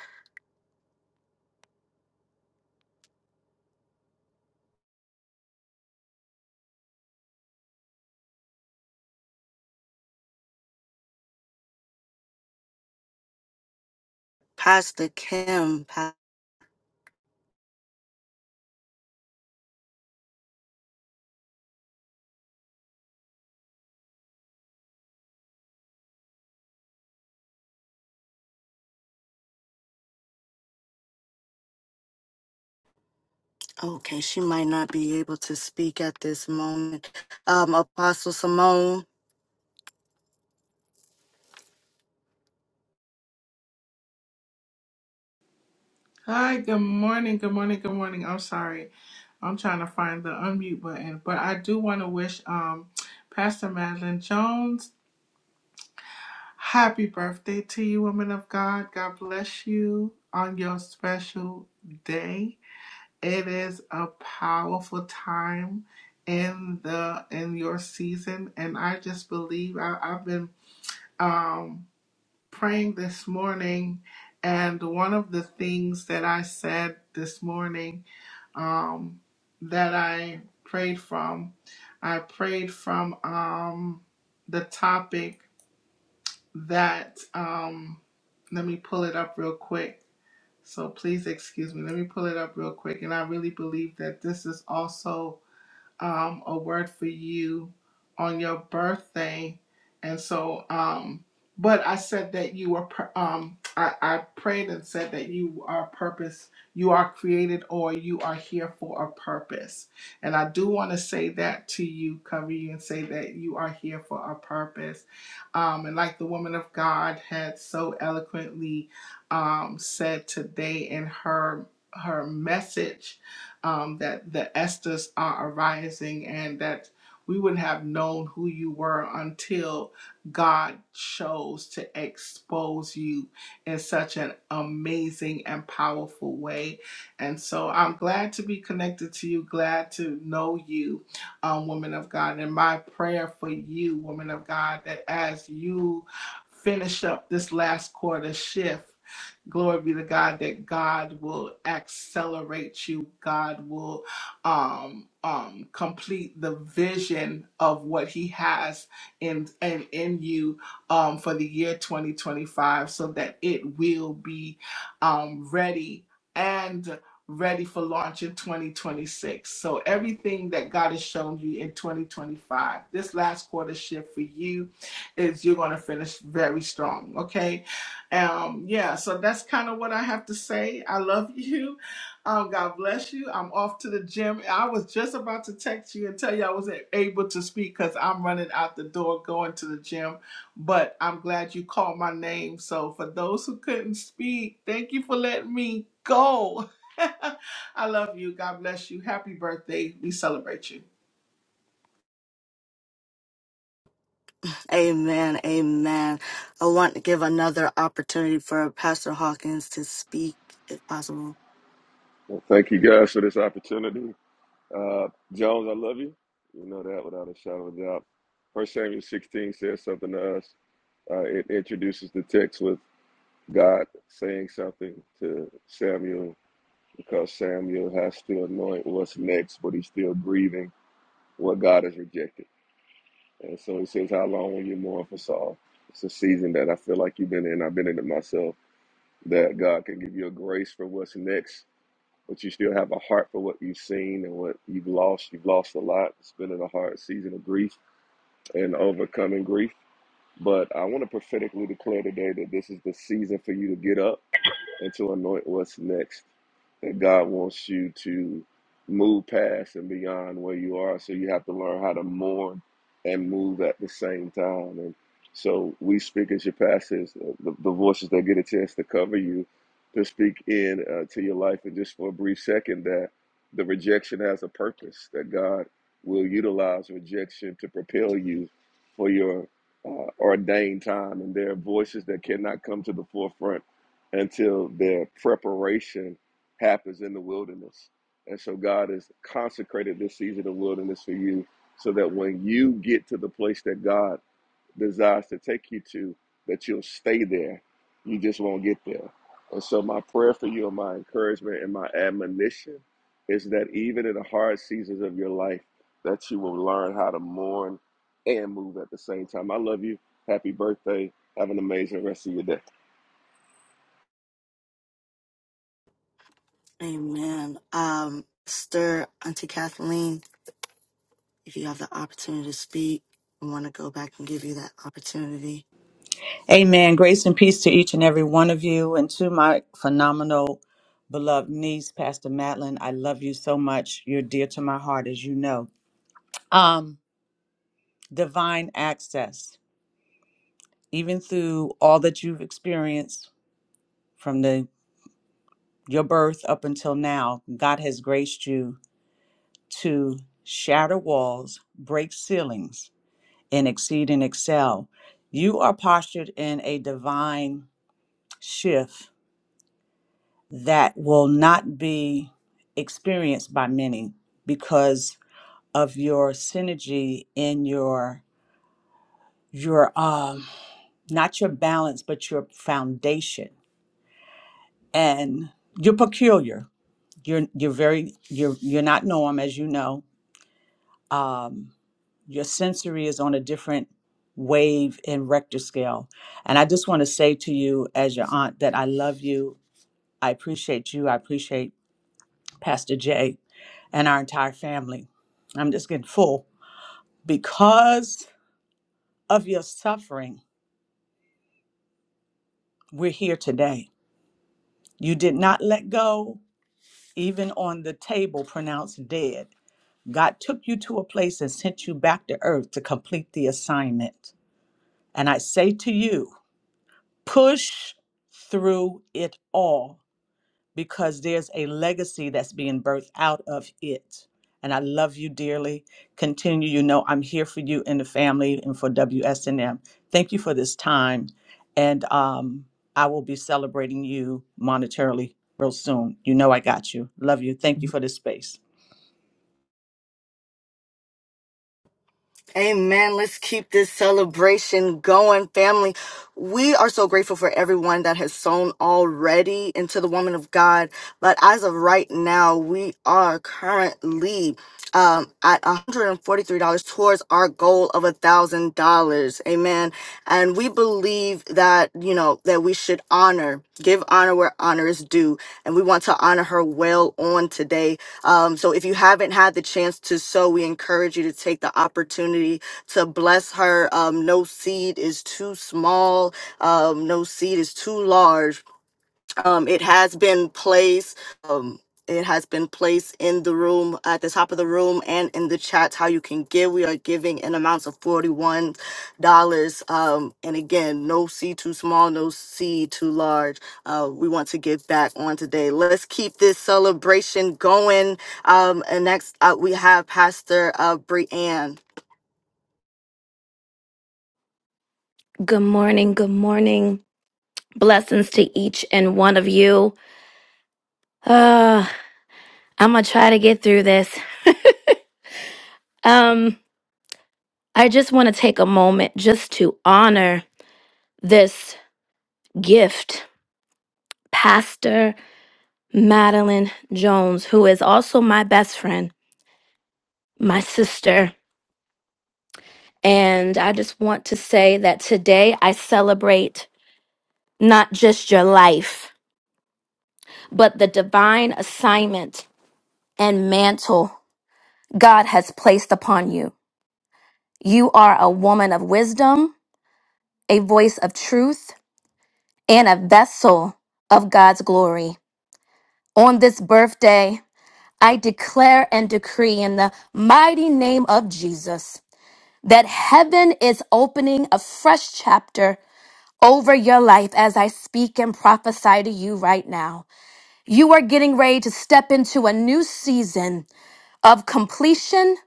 Speaker 1: Pastor Kim. Okay, she might not be able to speak at this moment. Um, Apostle Simone,
Speaker 4: Hi, good morning, good morning, good morning. I'm sorry. I'm trying to find the unmute button, but I do want to wish um Pastor Madeline Jones happy birthday to you, woman of God. God bless you on your special day. It is a powerful time in the in your season, and I just believe I, I've been um praying this morning, and one of the things that I said this morning um, that I prayed from. I prayed from um, the topic that, um, let me pull it up real quick. So please excuse me. Let me pull it up real quick. And I really believe that this is also um, a word for you on your birthday. And so, um, but I said that you were, pur- um, I, I prayed and said that you are purpose, you are created or you are here for a purpose. And I do want to say that to you, cover you, and say that you are here for a purpose. Um, and like the woman of God had so eloquently um, said today in her her message um, that the Esthers are arising and that we wouldn't have known who you were until God chose to expose you in such an amazing and powerful way. And so I'm glad to be connected to you, glad to know you, um, woman of God. And my prayer for you, woman of God, that as you finish up this last quarter shift, Glory be to God that God will accelerate you. God will um, um, complete the vision of what He has in and in in you um, for the year 2025, so that it will be um, ready and ready for launch in 2026. So everything that God has shown you in 2025, this last quarter shift for you is you're going to finish very strong. Okay um, yeah, so that's kind of what I have to say. I love (laughs) you. Um, God bless you. I'm off to the gym. I was just about to text you and tell you I wasn't able to speak because I'm running out the door going to the gym. But I'm glad you called my name. So for those who couldn't speak, thank you for letting me go. (laughs) I love you. God bless you. Happy birthday. We celebrate you.
Speaker 1: amen, amen. I want to give another opportunity for Pastor Hawkins to speak if possible.
Speaker 5: Well, thank you guys for this opportunity. Uh, Jones, I love you. You know that without a shadow of a doubt. First Samuel 16 says something to us. Uh, it introduces the text with God saying something to Samuel because Samuel has to anoint what's next, but he's still grieving what God has rejected. And so he says, How long will you mourn for Saul? It's a season that I feel like you've been in. I've been in it myself. That God can give you a grace for what's next but you still have a heart for what you've seen and what you've lost. You've lost a lot. It's been in a hard season of grief and overcoming grief. But I want to prophetically declare today that this is the season for you to get up and to anoint what's next. And God wants you to move past and beyond where you are. So you have to learn how to mourn and move at the same time. And so we speak as your pastors, uh, the, the voices that get a chance to cover you, to speak in uh, to your life. And just for a brief second, that the rejection has a purpose, that God will utilize rejection to propel you for your uh, ordained time. And there are voices that cannot come to the forefront until their preparation happens in the wilderness. And so God has consecrated this season of wilderness for you so that when you get to the place that God desires to take you to, that you'll stay there. You just won't get there. And so my prayer for you and my encouragement and my admonition is that even in the hard seasons of your life, that you will learn how to mourn and move at the same time. I love you. Happy birthday. Have an amazing rest of your day.
Speaker 1: Amen. Um, Stir Auntie Kathleen, if you have the opportunity to speak, I want to go back and give you that opportunity.
Speaker 6: Amen. Grace and peace to each and every one of you and to my phenomenal beloved niece, Pastor Madeline. I love you so much. You're dear to my heart, as you know. Um, divine access, even through all that you've experienced from the your birth up until now, God has graced you to shatter walls, break ceilings, and exceed and excel. You are postured in a divine shift that will not be experienced by many because of your synergy in your your um not your balance but your foundation and you're peculiar you're you're very you're you're not norm as you know um your sensory is on a different wave and Richter scale and i just want to say to you as your aunt that i love you i appreciate you i appreciate Pastor Jay, and our entire family. I'm just getting full. Because of your suffering, we're here today. You did not let go, even on the table pronounced dead. God took you to a place and sent you back to earth to complete the assignment. And I say to you, push through it all because there's a legacy that's being birthed out of it. And I love you dearly. Continue. You know, I'm here for you and the family and for WSNM. Thank you for this time. And um, I will be celebrating you monetarily real soon. You know, I got you. Love you. Thank you for this space.
Speaker 1: Amen. Let's keep this celebration going, family. We are so grateful for everyone that has sown already into the woman of God. But as of right now, we are currently um, at $143 towards our goal of $1,000. Amen. And we believe that, you know, that we should honor, give honor where honor is due. And we want to honor her well on today um, so if you haven't had the chance to sow, we encourage you to take the opportunity to bless her. Um, no seed is too small. Um, no seed is too large um, it has been placed. Um, it has been placed in the room at the top of the room and in the chats how you can give. We are giving in amounts of forty-one dollars. Um, and again, no C too small, no C too large. Uh, we want to give back on today. Let's keep this celebration going. Um, and next up we have Pastor uh, Brianne.
Speaker 7: Good morning. Good morning. Blessings to each and one of you. Uh, I'm going to try to get through this. Um, I just want to take a moment just to honor this gift, Pastor Madeline Jones, who is also my best friend, my sister. And I just want to say that today I celebrate not just your life, but the divine assignment and mantle God has placed upon you. You are a woman of wisdom, a voice of truth, and a vessel of God's glory. On this birthday, I declare and decree in the mighty name of Jesus that heaven is opening a fresh chapter over your life as I speak and prophesy to you right now. You are getting ready to step into a new season of completion,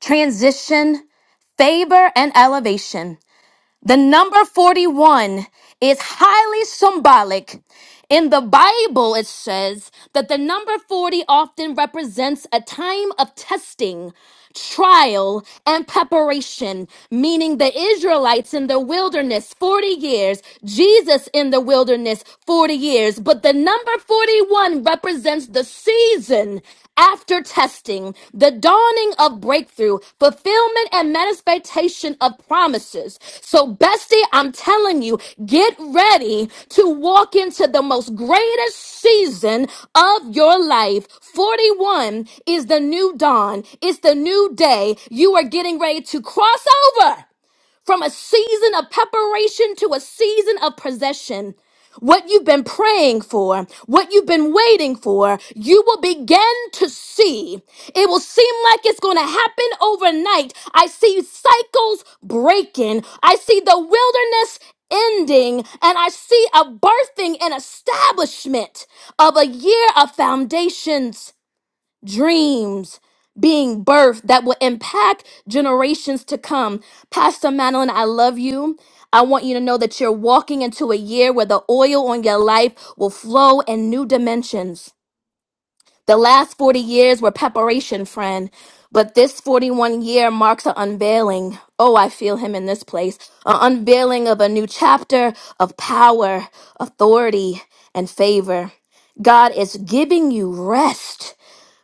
Speaker 7: transition, favor, and elevation. The number 41 is highly symbolic. In the Bible, it says that the number 40 often represents a time of testing, trial, and preparation, meaning the Israelites in the wilderness 40 years, Jesus in the wilderness 40 years. But the number 41 represents the season after testing, the dawning of breakthrough, fulfillment, given and manifestation of promises. So, bestie, I'm telling you, get ready to walk into the most greatest season of your life. 41 is the new dawn, it's the new day. You are getting ready to cross over from a season of preparation to a season of possession. What you've been praying for, what you've been waiting for, you will begin to see. It will seem like it's going to happen overnight. I see cycles breaking, I see the wilderness ending, and I see a birthing and establishment of a year of foundations dreams being birthed that will impact generations to come. Pastor Madeline, I love you. I want you to know that you're walking into a year where the oil on your life will flow in new dimensions. The last 40 years were preparation, friend, but this 41 year marks an unveiling. Oh, I feel him in this place. An unveiling of a new chapter of power, authority, and favor. God is giving you rest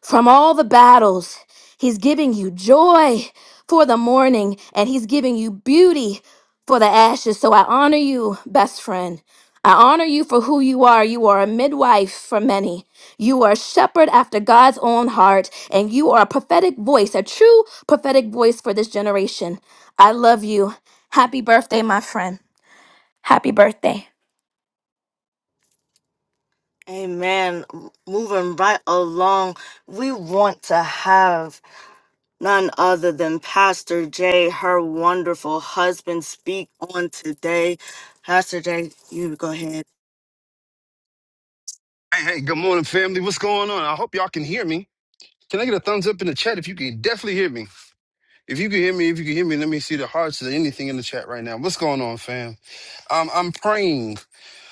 Speaker 7: from all the battles. He's giving you joy for the morning, and He's giving you beauty for the ashes. So I honor you, best friend. I honor you for who you are. You are a midwife for many. You are a shepherd after God's own heart, and you are a prophetic voice, a true prophetic voice for this generation. I love you. Happy birthday, my friend. Happy birthday.
Speaker 1: Amen. M- Moving right along, we want to have none other than Pastor Jay, her wonderful husband, speak on today. Pastor Jay, you go ahead.
Speaker 8: Hey, hey, good morning, family. What's going on? I hope y'all can hear me. Can I get a thumbs up in the chat if you can definitely hear me? If you can hear me, if you can hear me, let me see the hearts or anything in the chat right now. What's going on, fam? Um, I'm praying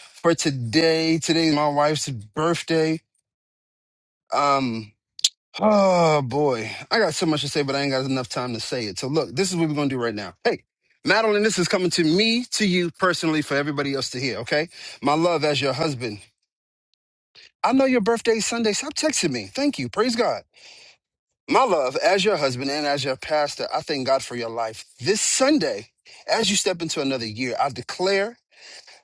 Speaker 8: for today. Today's my wife's birthday. Um, oh boy, I got so much to say, but I ain't got enough time to say it. So look, this is what we're gonna do right now. Hey, Madeline, this is coming to me, to you personally, for everybody else to hear. Okay, my love as your husband. I know your birthday's Sunday. Stop texting me. Thank you. Praise God. My love, as your husband and as your pastor, I thank God for your life. This Sunday, as you step into another year, I declare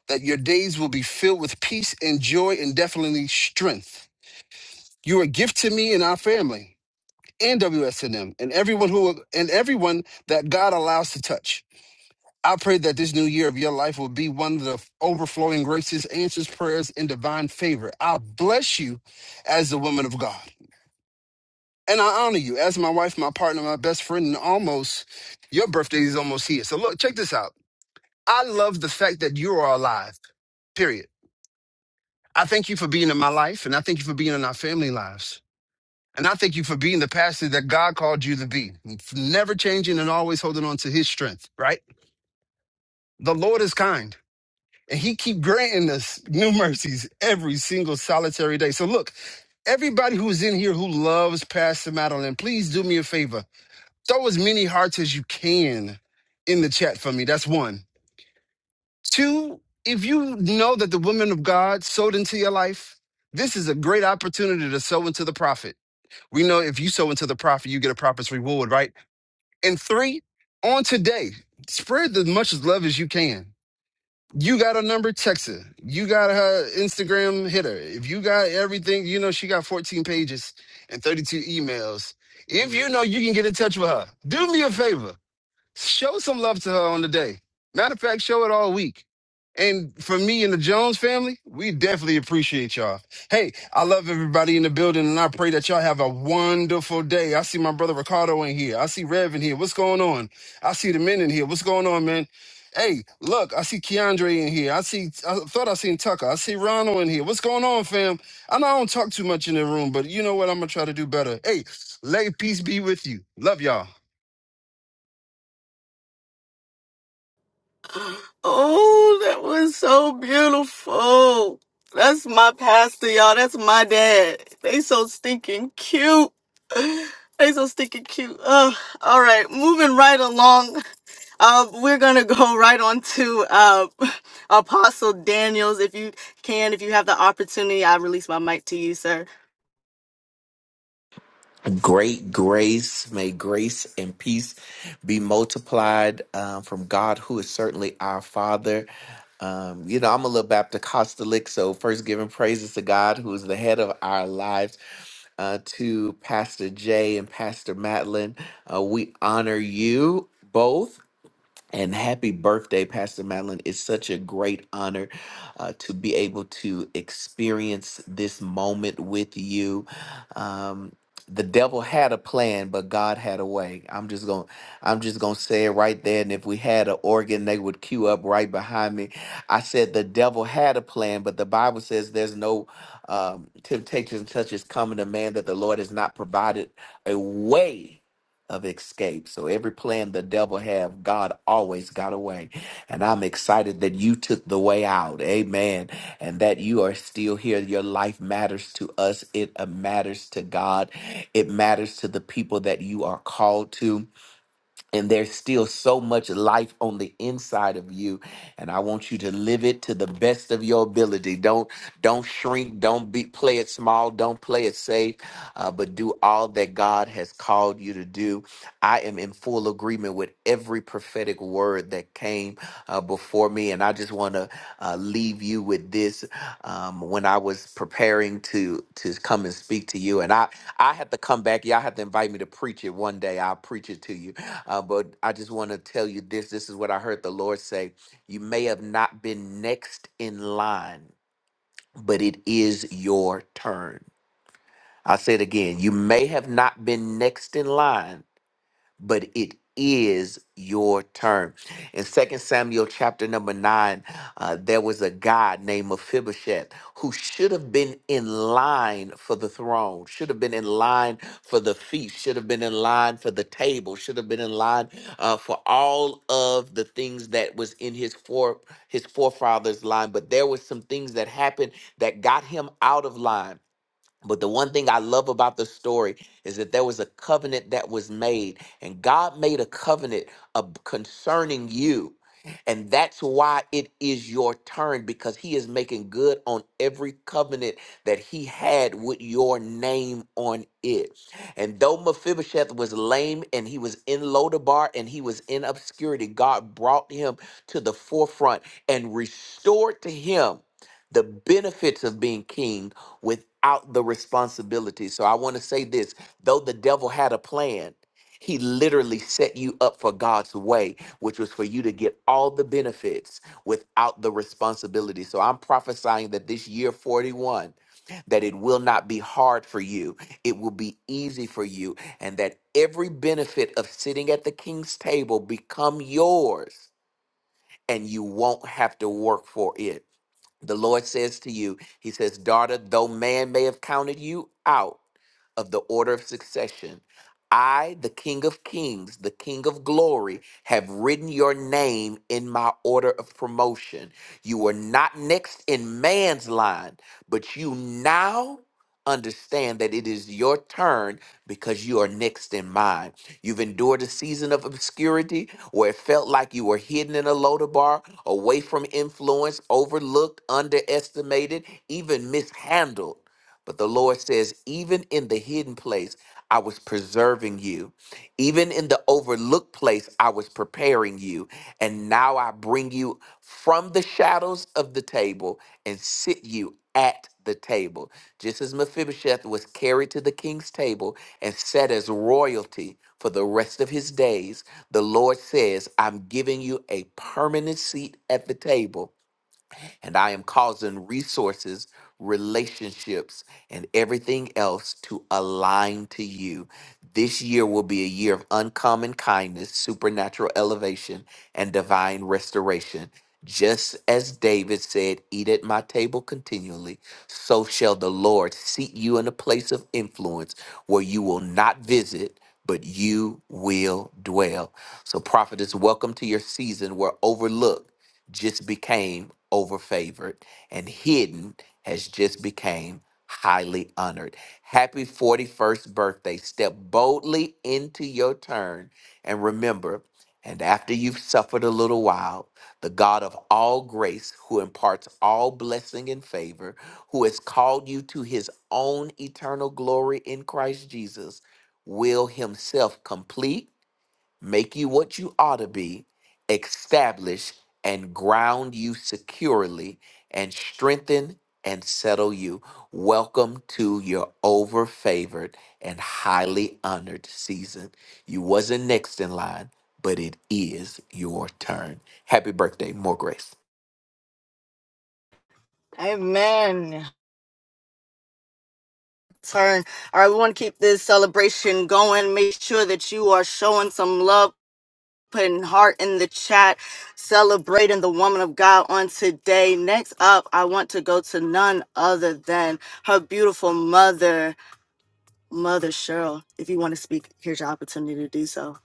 Speaker 8: that your days will be filled with peace and joy and definitely strength. You're a gift to me and our family and WSNM and everyone who and everyone that God allows to touch. I pray that this new year of your life will be one of the overflowing graces, answers, prayers, and divine favor. I bless you as the woman of God. And I honor you as my wife, my partner, my best friend, and almost your birthday is almost here. So look, check this out. I love the fact that you are alive, period. I thank you for being in my life, and I thank you for being in our family lives. And I thank you for being the pastor that God called you to be, never changing and always holding on to his strength, right? The Lord is kind, and he keep granting us new mercies every single solitary day. So look, everybody who's in here who loves Pastor Madeline, please do me a favor. throw as many hearts as you can in the chat for me. That's one. Two, if you know that the women of God sowed into your life, this is a great opportunity to sow into the prophet. We know if you sow into the prophet, you get a prophet's reward, right? And three, on today, spread as much as love as you can. You got a number, text her. You got her Instagram, hit her. If you got everything, you know she got 14 pages and 32 emails. If you know you can get in touch with her, do me a favor Show some love to her on the day. Matter of fact, show it all week. And for me and the Jones family, we definitely appreciate y'all. Hey, I love everybody in the building and I pray that y'all have a wonderful day. I see my brother Ricardo in here. I see Rev in here. What's going on? I see the men in here. What's going on, man? Hey, look, I see Keandre in here. I see, I thought I seen Tucker. I see Ronald in here. What's going on, fam? I know I don't talk too much in the room, but you know what? I'm going to try to do better. Hey, lay peace be with you. Love y'all.
Speaker 1: Oh, that was so beautiful. That's my pastor, y'all. That's my dad. They so stinking cute. (sighs) They so stinking cute. Ugh. all right, moving right along. Uh, we're gonna go (laughs) right on to uh, (laughs) Apostle Daniels. If you can, if you have the opportunity, I release my mic to you, sir.
Speaker 9: Great grace, may grace and peace be multiplied um, from God, who is certainly our Father. Um, you know, I'm a little Baptist Apostolic, so first giving praises to God, who is the head of our lives. Uh, to Pastor Jay and Pastor Madeline, uh, we honor you both and happy birthday, Pastor Madeline. It's such a great honor uh, to be able to experience this moment with you. Um, the devil had a plan, but God had a way. I'm just gonna, I'm just gonna say it right there. And if we had an organ, they would queue up right behind me. I said the devil had a plan, but the Bible says there's no um, temptation such as coming to man that the Lord has not provided a way of escape. So every plan the devil have, God always got away. And I'm excited that you took the way out. Amen. And that you are still here. Your life matters to us. It uh, matters to God. It matters to the people that you are called to and there's still so much life on the inside of you and i want you to live it to the best of your ability don't don't shrink don't be play it small don't play it safe uh, but do all that god has called you to do i am in full agreement with every prophetic word that came uh, before me and i just want to uh, leave you with this um, when i was preparing to to come and speak to you and i i have to come back y'all have to invite me to preach it one day i'll preach it to you uh, but I just want to tell you this. This is what I heard the Lord say. You may have not been next in line, but it is your turn. I'll say it again. You may have not been next in line, but it is your turn. In Second Samuel chapter number 9, uh, there was a guy named Mephibosheth who should have been in line for the throne, should have been in line for the feast, should have been in line for the table, should have been in line uh, for all of the things that was in his fore his forefathers line. But there was some things that happened that got him out of line. But the one thing I love about the story is that there was a covenant that was made, and God made a covenant of, concerning you. And that's why it is your turn because he is making good on every covenant that he had with your name on it. And though Mephibosheth was lame and he was in Lodabar and he was in obscurity, God brought him to the forefront and restored to him the benefits of being king without the responsibility. So I want to say this though the devil had a plan, he literally set you up for God's way, which was for you to get all the benefits without the responsibility. So I'm prophesying that this year 41, that it will not be hard for you, it will be easy for you, and that every benefit of sitting at the king's table become yours and you won't have to work for it. The Lord says to you, He says, Daughter, though man may have counted you out of the order of succession, I, the King of Kings, the King of Glory, have written your name in my order of promotion. You were not next in man's line, but you now understand that it is your turn because you are next in mine. You've endured a season of obscurity where it felt like you were hidden in a loader bar, away from influence, overlooked, underestimated, even mishandled. But the Lord says, even in the hidden place, I was preserving you. Even in the overlooked place, I was preparing you. And now I bring you from the shadows of the table and sit you at the table. Just as Mephibosheth was carried to the king's table and set as royalty for the rest of his days, the Lord says, I'm giving you a permanent seat at the table and I am causing resources, relationships, and everything else to align to you. This year will be a year of uncommon kindness, supernatural elevation, and divine restoration. Just as David said, Eat at my table continually, so shall the Lord seat you in a place of influence where you will not visit, but you will dwell. So, prophetess, welcome to your season where overlooked just became over favored and hidden has just became highly honored. Happy 41st birthday. Step boldly into your turn and remember and after you've suffered a little while, the God of all grace, who imparts all blessing and favor, who has called you to his own eternal glory in Christ Jesus, will himself complete make you what you ought to be, establish and ground you securely, and strengthen and settle you. Welcome to your over favored and highly honored season. You wasn't next in line, but it is your turn. Happy birthday, more grace.
Speaker 1: Amen. turn. All right, we want to keep this celebration going. Make sure that you are showing some love, putting heart in the chat, celebrating the woman of God on today. Next up, I want to go to none other than her beautiful mother, Mother Cheryl. If you want to speak, here's your opportunity to do so.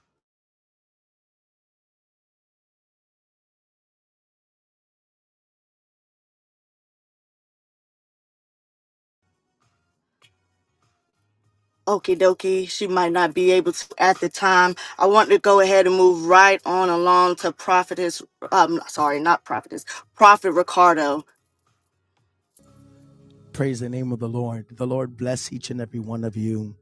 Speaker 1: Okie dokie, she might not be able to at the time. I want to go ahead and move right on along to Prophetess, um, sorry, not Prophetess, Prophet Ricardo.
Speaker 10: Praise the name of the Lord. The Lord bless each and every one of you.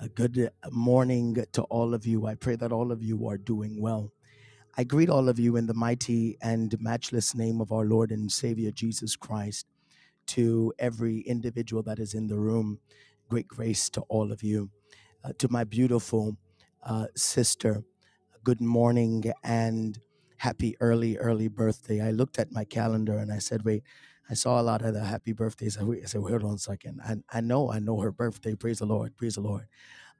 Speaker 10: A good morning to all of you. I pray that all of you are doing well. I greet all of you in the mighty and matchless name of our Lord and Savior Jesus Christ. To every individual that is in the room, great grace to all of you. Uh, to my beautiful uh, sister, good morning and happy early, early birthday. I looked at my calendar and I said, wait, I saw a lot of the happy birthdays. I said, wait, hold on a second. I, I know, I know her birthday. Praise the Lord. Praise the Lord.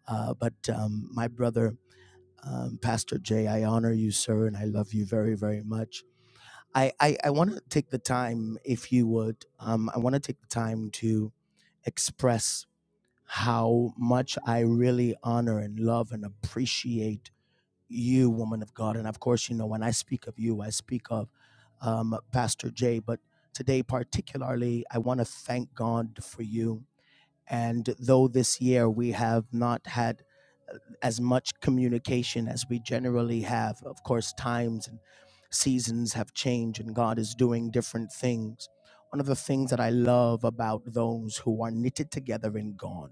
Speaker 10: Uh, but um, my brother, um, Pastor Jay, I honor you, sir, and I love you very, very much. I, I, I want to take the time, if you would, um, I want to take the time to express how much I really honor and love and appreciate you, woman of God. And of course, you know, when I speak of you, I speak of um, Pastor Jay. But today, particularly, I want to thank God for you. And though this year we have not had uh, as much communication as we generally have, of course, times and seasons have changed and God is doing different things. One of the things that I love about those who are knitted together in God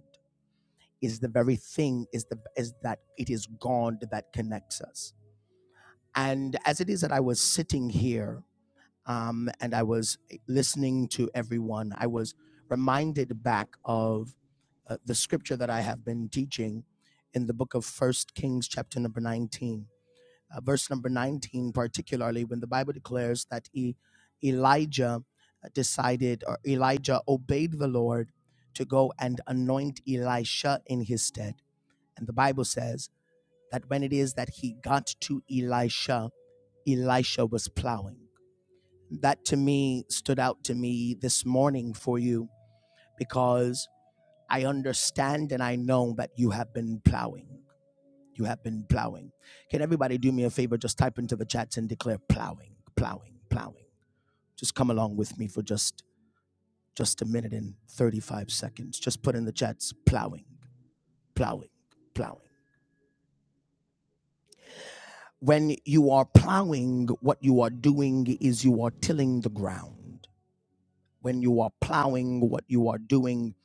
Speaker 10: is the very thing is the is that it is God that connects us and as it is that I was sitting here um, and I was eh, listening to everyone, I was reminded back of uh, the scripture that I have been teaching in the book of First Kings, chapter number 19, uh, verse number 19, particularly when the Bible declares that e- Elijah uh, decided or Elijah obeyed the Lord to go and anoint Elisha in his stead. And the Bible says that when it is that he got to Elisha, Elisha was plowing. That to me stood out to me this morning for you because I understand and I know that you have been plowing. You have been plowing. Can everybody do me a favor? Just type into the chats and declare plowing, plowing, plowing. Just come along with me for just just a minute and 35 seconds. Just put in the chats plowing, plowing, plowing. When you are plowing, what you are doing is you are tilling the ground. when you are plowing, what you are doing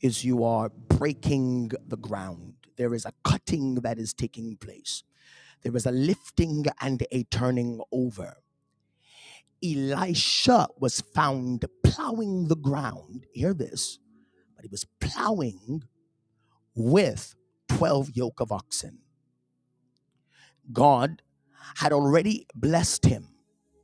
Speaker 10: is you are breaking the ground. There is a cutting that is taking place, there is a lifting and a turning over. Elisha was found plowing the ground. Hear this, but he was plowing with 12 yoke of oxen. God. had already blessed him.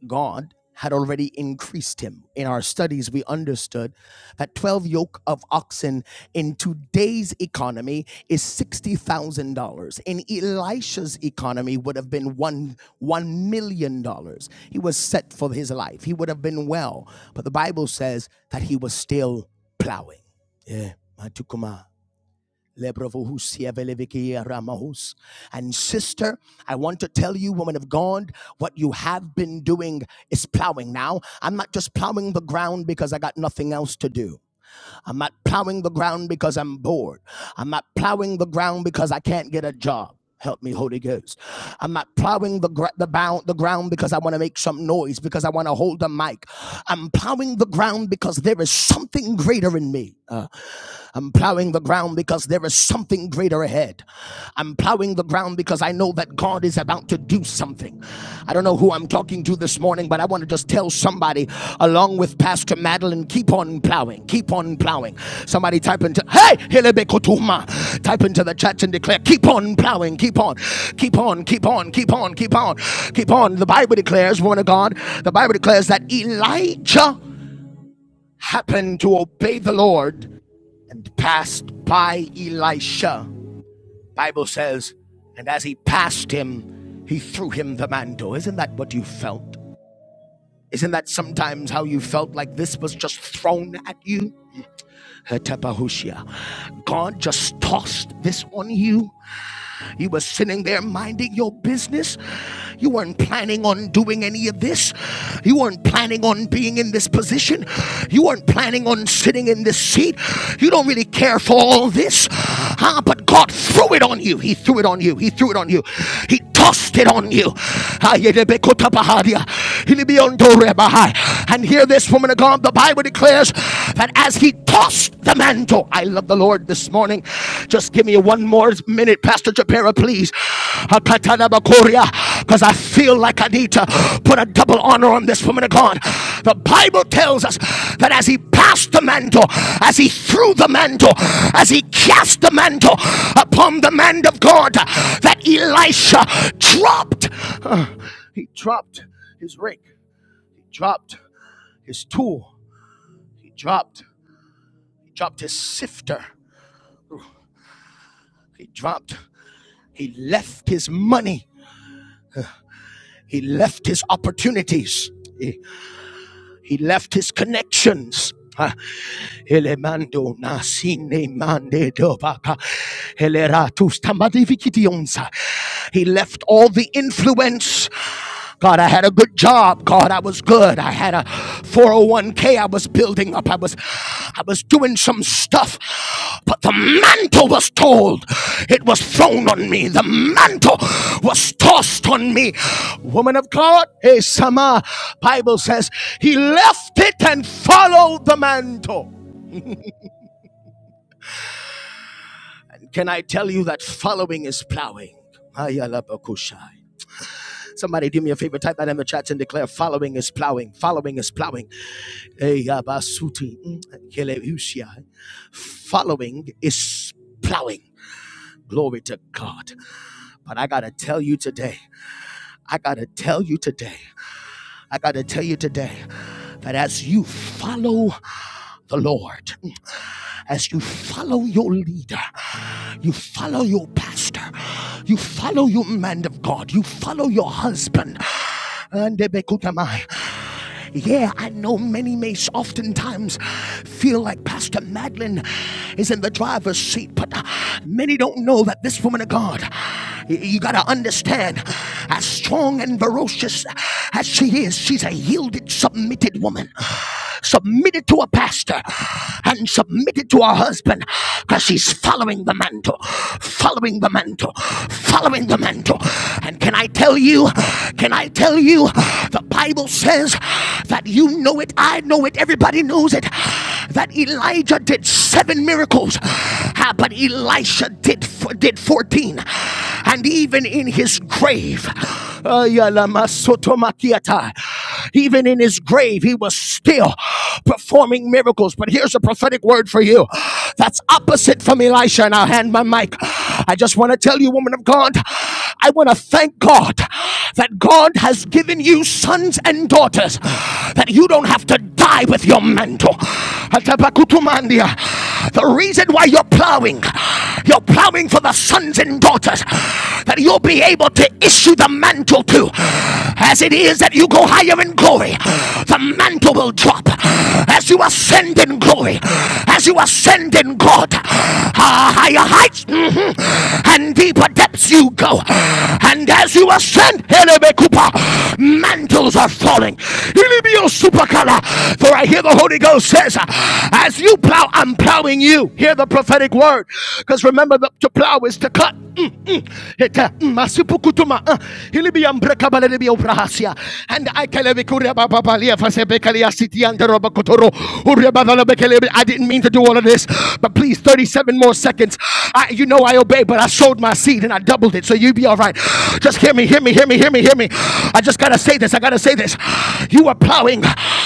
Speaker 10: God had already increased him. In our studies, we understood that 12 yoke of oxen in today's economy is $60,000. In Elisha's economy would have been one, $1 million. dollars. He was set for his life. He would have been well. But the Bible says that he was still plowing. Yeah, Matukuma. Lebrovohusia velevikia ramahus. And sister, I want to tell you, woman of God, what you have been doing is plowing. Now, I'm not just plowing the ground because I got nothing else to do. I'm not plowing the ground because I'm bored. I'm not plowing the ground because I can't get a job. Help me, Holy Ghost. I'm not plowing the, gr- the, bound, the ground because I want to make some noise, because I want to hold the mic. I'm plowing the ground because there is something greater in me. Uh, I'm plowing the ground because there is something greater ahead. I'm plowing the ground because I know that God is about to do something. I don't know who I'm talking to this morning, but I want to just tell somebody, along with Pastor Madeline, keep on plowing, keep on plowing. Somebody type into, hey, Helebekotuma. type into the chat and declare, keep on plowing, keep on, keep on, keep on, keep on, keep on, keep on. The Bible declares, woman of God, the Bible declares that Elijah happened to obey the Lord and passed by Elisha. Bible says, and as he passed him, he threw him the mantle. Isn't that what you felt? Isn't that sometimes how you felt like this was just thrown at you? Hetabahushia. God just tossed this on you you were sitting there minding your business. You weren't planning on doing any of this. You weren't planning on being in this position. You weren't planning on sitting in this seat. You don't really care for all this. Huh? But God threw it on you. He threw it on you. He threw it on you. He tossed it on you. Ayedebekutabahaya, ilibiondorebahai. And hear this, woman of God. The Bible declares that as he tossed the mantle, I love the Lord this morning. Just give me one more minute, Pastor Japera, please because I feel like I need to put a double honor on this woman of God. The Bible tells us that as he passed the mantle, as he threw the mantle, as he cast the mantle upon the man of God, that Elisha dropped. Uh, He dropped his rake, he dropped his tool, he dropped, he dropped his sifter, he dropped, he left his money, he left his opportunities, he, he left his connections. Uh, Elemando nasine mande dobaka. Eleratus tamadivikidionza. He left all the influence. God, I had a good job. God, I was good. I had a 401k. I was building up. I was, I was doing some stuff. But the mantle was told. It was thrown on me. The mantle was tossed on me. Woman of God, hey Sama, Bible says he left it and followed the mantle. Can I tell you that following is plowing? Somebody do me a favor, type that in the chat and declare following is plowing. Following is plowing. mm, Following is plowing. Glory to God. But I gotta tell you today, I gotta tell you today, I gotta tell you today that as you follow the Lord. mm, as you follow your leader, you follow your pastor, you follow your man of God, you follow your husband. And yeah, I know many may oftentimes feel like Pastor Madeline is in the driver's seat, but uh, many don't know that this woman of God, you got to understand, as strong and ferocious as she is, she's a yielded, submitted woman submitted to a pastor and submit it to her husband because she's following the mantle, following the mantle, following the mantle. And can I tell you, can I tell you, the Bible says that you know it, I know it, everybody knows it, that Elijah did seven miracles, ah, but Elisha did, did 14. And even in his grave, Even in his grave, he was still performing miracles. But here's a prophetic word for you that's opposite from Elisha. And I'll hand my mic. I just want to tell you, woman of God, I want to thank God that God has given you sons and daughters, that you don't have to die with your mantle. The reason why you're plowing you're plowing for the sons and daughters that you'll be able to issue the mantle to. As it is that you go higher in glory, the mantle will drop as you ascend in glory, as you ascend in God. Ah, higher heights mhm, and deeper depths you go, and as you ascend, Elebekupa, mantles angels are falling. For I hear the Holy Ghost says, As you plow, I'm plowing you. Hear the prophetic word. Because remember, the, to plow is to cut. Mm, mm. mm, uh. And I didn't mean to do all of this, but please 37 more seconds. I, you know I obey, but I sowed my seed and I doubled it. So you be all right. Just hear me, hear me, hear me, hear me, hear me. I just gotta say this. I gotta say this. You are plowing,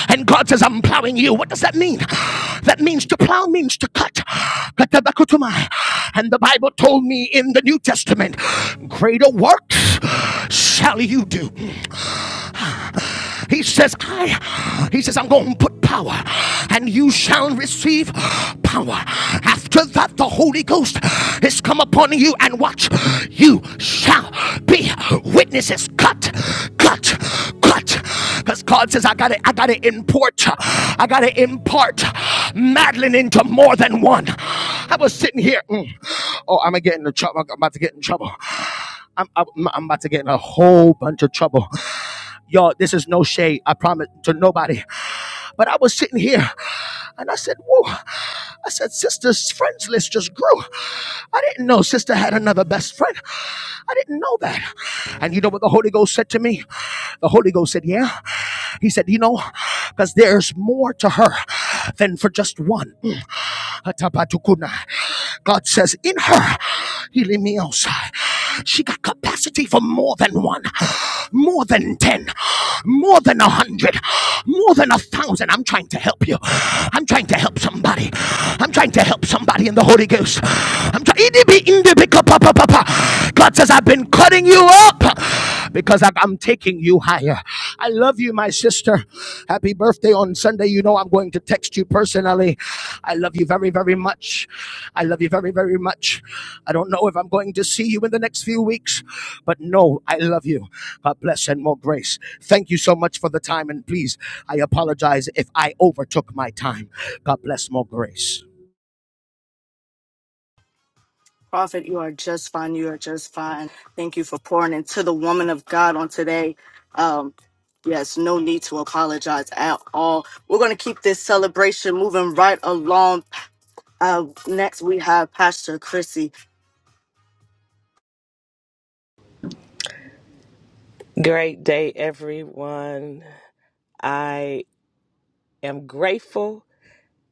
Speaker 10: and God says, I'm plowing you. What does that mean? That means to plow means to cut. And the Bible told me in the New Testament, greater works shall you do. He says, I, he says, I'm going to put power and you shall receive power. After that, the Holy Ghost is come upon you and watch, you shall be witnesses. Cut, cut, cut. Because God says, I gotta, I gotta import, I gotta impart Madeline into more than one. I was sitting here. mm, oh, I'm gonna get into trouble. I'm about to get in trouble. I'm, I'm, I'm about to get in a whole bunch of trouble. Y'all, this is no shade, I promise, to nobody. But I was sitting here and I said, Whoa, I said, Sister's friends list just grew. I didn't know Sister had another best friend. I didn't know that. And you know what the Holy Ghost said to me? The Holy Ghost said, Yeah. He said, You know, because there's more to her than for just one. Mm. Atabatukuna. God says, In her, he leave me outside. (gasps) She got capacity for more than one, (gasps) more than 10, (gasps) more than a hundred, (gasps) more than a thousand. I'm trying to help you. (gasps) I'm trying to help somebody. (gasps) I'm trying to help somebody in the Holy Ghost. (gasps) I'm trying. God says, I've been cutting you up because I- am taking you higher. I love you, my my sister. Happy birthday on Sunday. You know, I'm going to text you personally. I love you very, very much. I love you very, very much. I don't know if I'm going to see you in the next few weeks, but no, I love you. God bless and more grace. Thank you so much for the time. And please, I apologize if I overtook my time. God bless more grace.
Speaker 1: Prophet, you are just fine. You are just fine. Thank you for pouring into the woman of God on today. Um, yes, no need to apologize at all. We're going to keep this celebration moving right along. Uh, next, we have Pastor Chrissy.
Speaker 11: Great day, everyone. I am grateful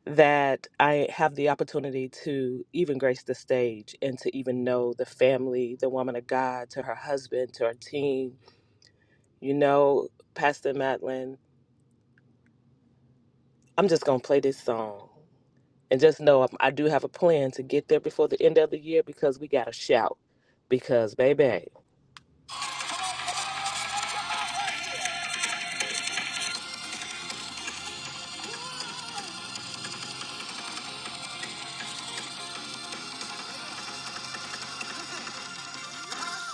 Speaker 11: that I have the opportunity to even grace the stage and to even know the family, the woman of God, to her husband, to her team. You know, Pastor Madeline, I'm just going to play this song. And just know I I do have a plan to get there before the end of the year because we got to shout. Because, baby.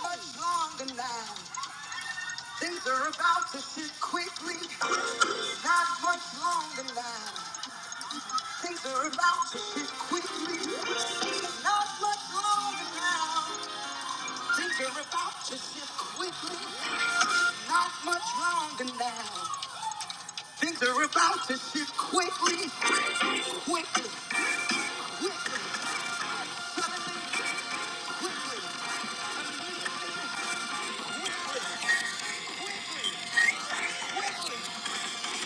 Speaker 11: Much longer now. Things are about to shift quickly. Not much longer now. They're about to shift quickly. Not much longer now. Things are about to shift quickly. Not much longer now. Things are about to shift quickly. Quickly, quickly. Suddenly,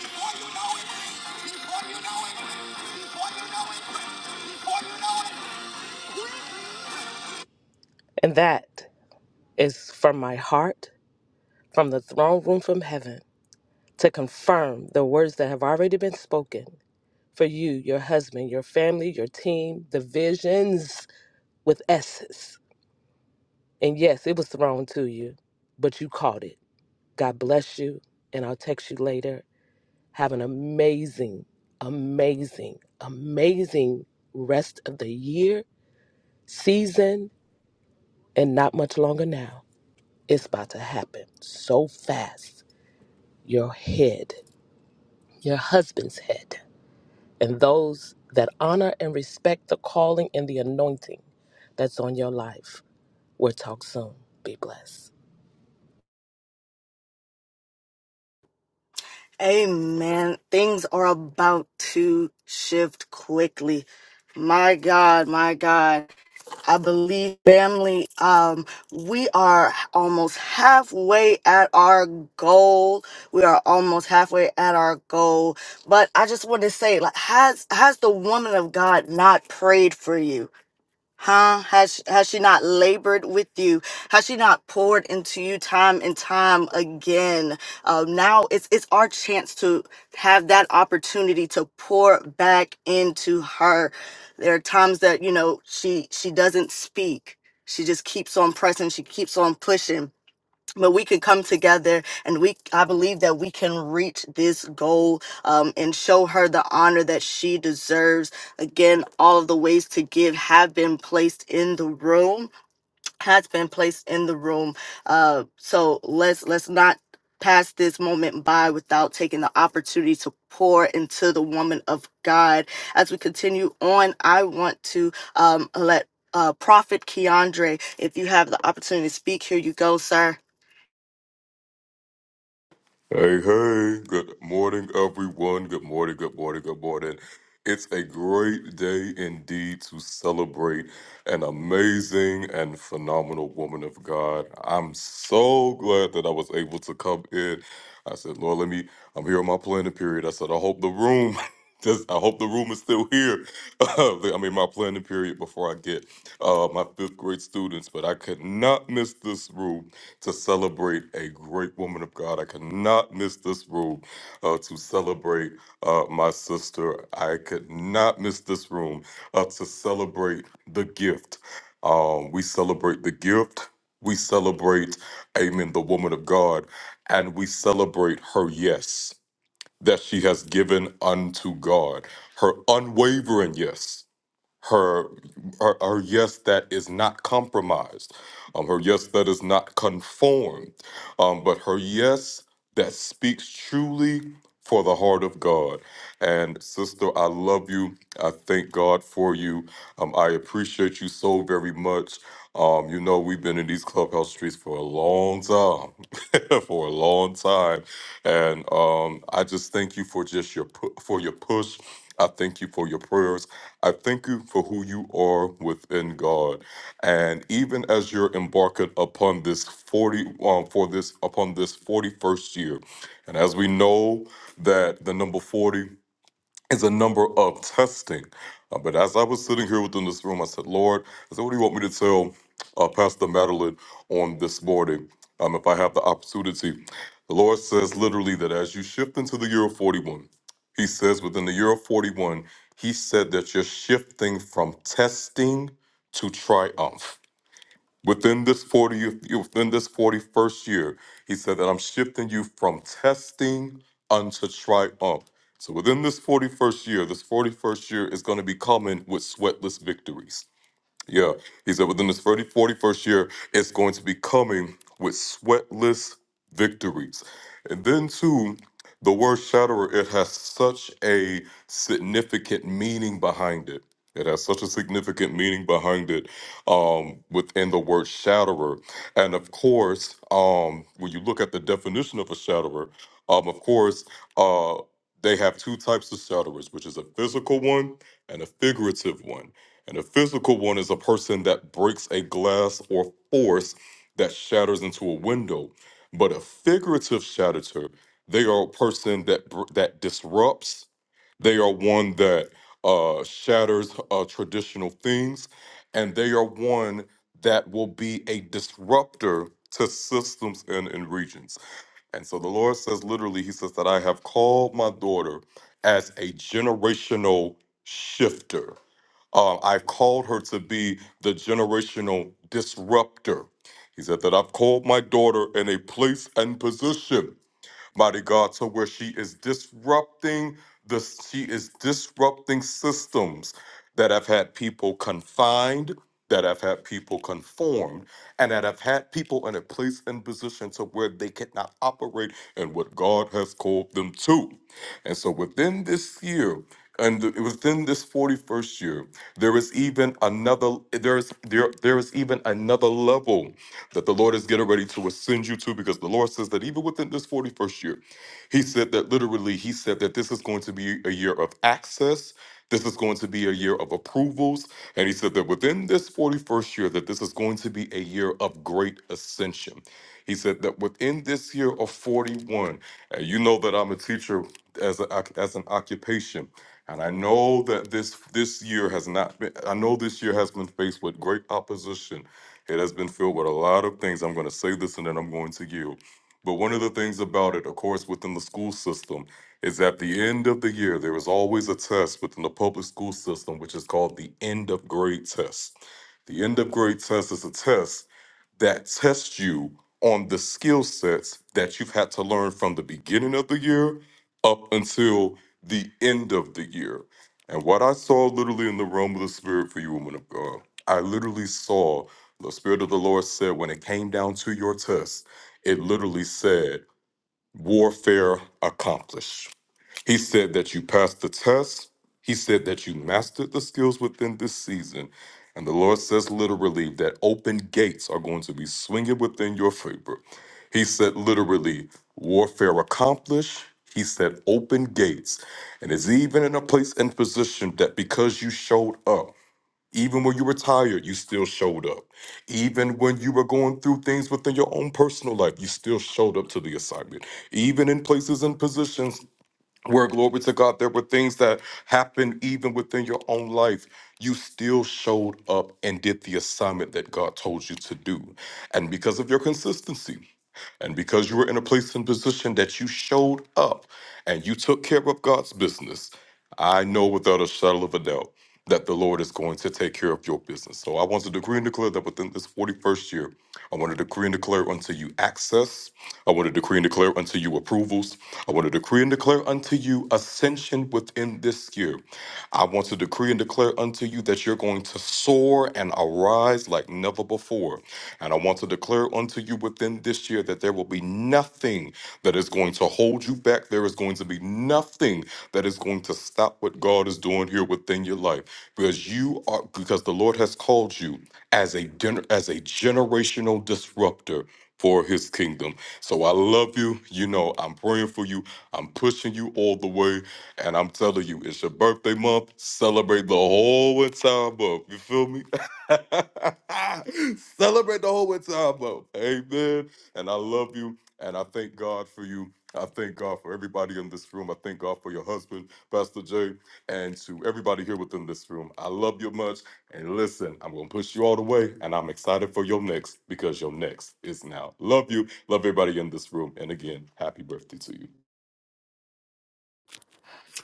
Speaker 11: before you know it, before you know it, before you know it, before you know it, quickly. and that is from my heart, from the throne room from heaven, to confirm the words that have already been spoken for you, your husband, your family, your team, the visions with S's. And yes, it was thrown to you, but you caught it. God bless you, and I'll text you later. Have an amazing, amazing, amazing rest of the year, season, and not much longer now. It's about to happen so fast. Your head, your husband's head. and those that honor and respect the calling and the anointing that's on your life. We'll talk soon. Be blessed.
Speaker 1: Amen. Things are about to shift quickly. My God, my God. I believe family, um, we are almost halfway at our goal. We are almost halfway at our goal. But I just want to say, like, has has the woman of God not prayed for you? Huh? Has has she not labored with you? Has she not poured into you time and time again? Uh, now it's it's our chance to have that opportunity to pour back into her. There are times that you know she she doesn't speak. She just keeps on pressing. She keeps on pushing but we can come together and we i believe that we can reach this goal um, and show her the honor that she deserves again all of the ways to give have been placed in the room has been placed in the room uh, so let's let's not pass this moment by without taking the opportunity to pour into the woman of god as we continue on i want to um, let uh, prophet keandre if you have the opportunity to speak here you go sir
Speaker 12: Hey, hey, good morning, everyone. Good morning, good morning, good morning. It's a great day indeed to celebrate an amazing and phenomenal woman of God. I'm so glad that I was able to come in. I said, Lord, let me, I'm here on my planning period. I said, I hope the room. (laughs) Just, I hope the room is still here. (laughs) I mean, my planning period before I get uh, my fifth grade students, but I could not miss this room to celebrate a great woman of God. I cannot miss this room uh, to celebrate uh, my sister. I could not miss this room uh, to celebrate the gift. Um, we celebrate the gift. We celebrate, amen, the woman of God, and we celebrate her yes that she has given unto God, her unwavering yes her her, her yes that is not compromised um, her yes that is not conformed um, but her yes that speaks truly for the heart of god and sister i love you i thank god for you um, i appreciate you so very much um, you know we've been in these clubhouse streets for a long time (laughs) for a long time and um, I just thank you for just your pu- for your push. I thank you for your prayers. I thank you for who you are within God. And even as you're embarking upon this 40 um, for this upon this 41st year, and as we know that the number 40 is a number of testing. Uh, but as I was sitting here within this room, I said, Lord, I said, what do you want me to tell uh, Pastor Madeline on this morning um, if I have the opportunity? The Lord says literally that as you shift into the year of 41, He says within the year of 41, He said that you're shifting from testing to triumph. Within this 40th, within this 41st year, he said that I'm shifting you from testing unto triumph. So within this 41st year, this 41st year is going to be coming with sweatless victories. Yeah, he said within this 30, 41st year, it's going to be coming with sweatless victories. And then, too, the word shatterer, it has such a significant meaning behind it. It has such a significant meaning behind it um, within the word shatterer. And of course, um, when you look at the definition of a shatterer, um, of course, uh, they have two types of shatterers, which is a physical one and a figurative one. And a physical one is a person that breaks a glass or force that shatters into a window. But a figurative shatterer. they are a person that br- that disrupts. They are one that uh, shatters uh, traditional things, and they are one that will be a disruptor to systems and, and regions. And so the Lord says, literally, He says that I have called my daughter as a generational shifter uh, I've called her to be the generational disruptor. He said that I've called my daughter in a place and position, mighty God, to where she is disrupting the she is disrupting systems that have had people confined, that have had people conformed and that have had people in a place and position to where they cannot operate in what God has called them to. And so within this year, and within this 41st year, there is even another there is there there is even another level that the Lord is getting ready to ascend you to because the Lord says that even within this 41st year, He said that literally, He said that this is going to be a year of access this is going to be a year of approvals. And he said that within this 41st year, that this is going to be a year of great ascension. He said that within this year of 41, and you know that I'm a teacher as, a, as an occupation. And I know that this this year has not been. I know this year has been faced with great opposition. It has been filled with a lot of things. I'm going to say this, and then I'm going to yield. But one of the things about it, of course, within the school system, is at the end of the year, there is always a test within the public school system, which is called the end of grade test. The end of grade test is a test that test you on the skill sets that you've had to learn from the beginning of the year up until the end of the year. And what I saw literally in the realm of the spirit for you, woman of God, I literally saw the spirit of the Lord said when it came down to your test, it literally said, warfare accomplished he said that you passed the test. He said that you mastered the skills within this season. And the Lord says literally that open gates are going to be swinging within your favor. He said literally, warfare accomplished. He said open gates. And is even in a place and position that because you showed up, even when you were tired, you still showed up. Even when you were going through things within your own personal life, you still showed up to the assignment. Even in places and positions where glory to God, there were things that happened even within your own life. You still showed up and did the assignment that God told you to do. And because of your consistency, and because you were in a place and position that you showed up and you took care of God's business, I know without a shadow of a doubt that the Lord is going to take care of your business. So I want to decree and declare that within this 41st year, I want to decree and declare unto you access. I want to decree and declare unto you approvals. I want to decree and declare unto you ascension within this year. I want to decree and declare unto you that you're going to soar and arise like never before. And I want to declare declare unto you within this year that there will be nothing that is going to hold you back. There is going to be nothing that is going to stop what God is doing here within your life because you are because the Lord has called you as a gener- as a generational disruptor for his kingdom. So I love you. You know, I'm praying for you. I'm pushing you all the way. And I'm telling you, it's your birthday month. Celebrate the whole entire month. You feel me? (laughs) Celebrate the whole entire month. Amen. And I love you. And I thank God for you. I thank God for everybody in this room. I thank God for your husband, Pastor Jay, and to everybody here within this room. I love you much. And listen, I'm going to push you all the way. And I'm excited for your next because your next is now. Love you. Love everybody in this room. And again, happy birthday to you.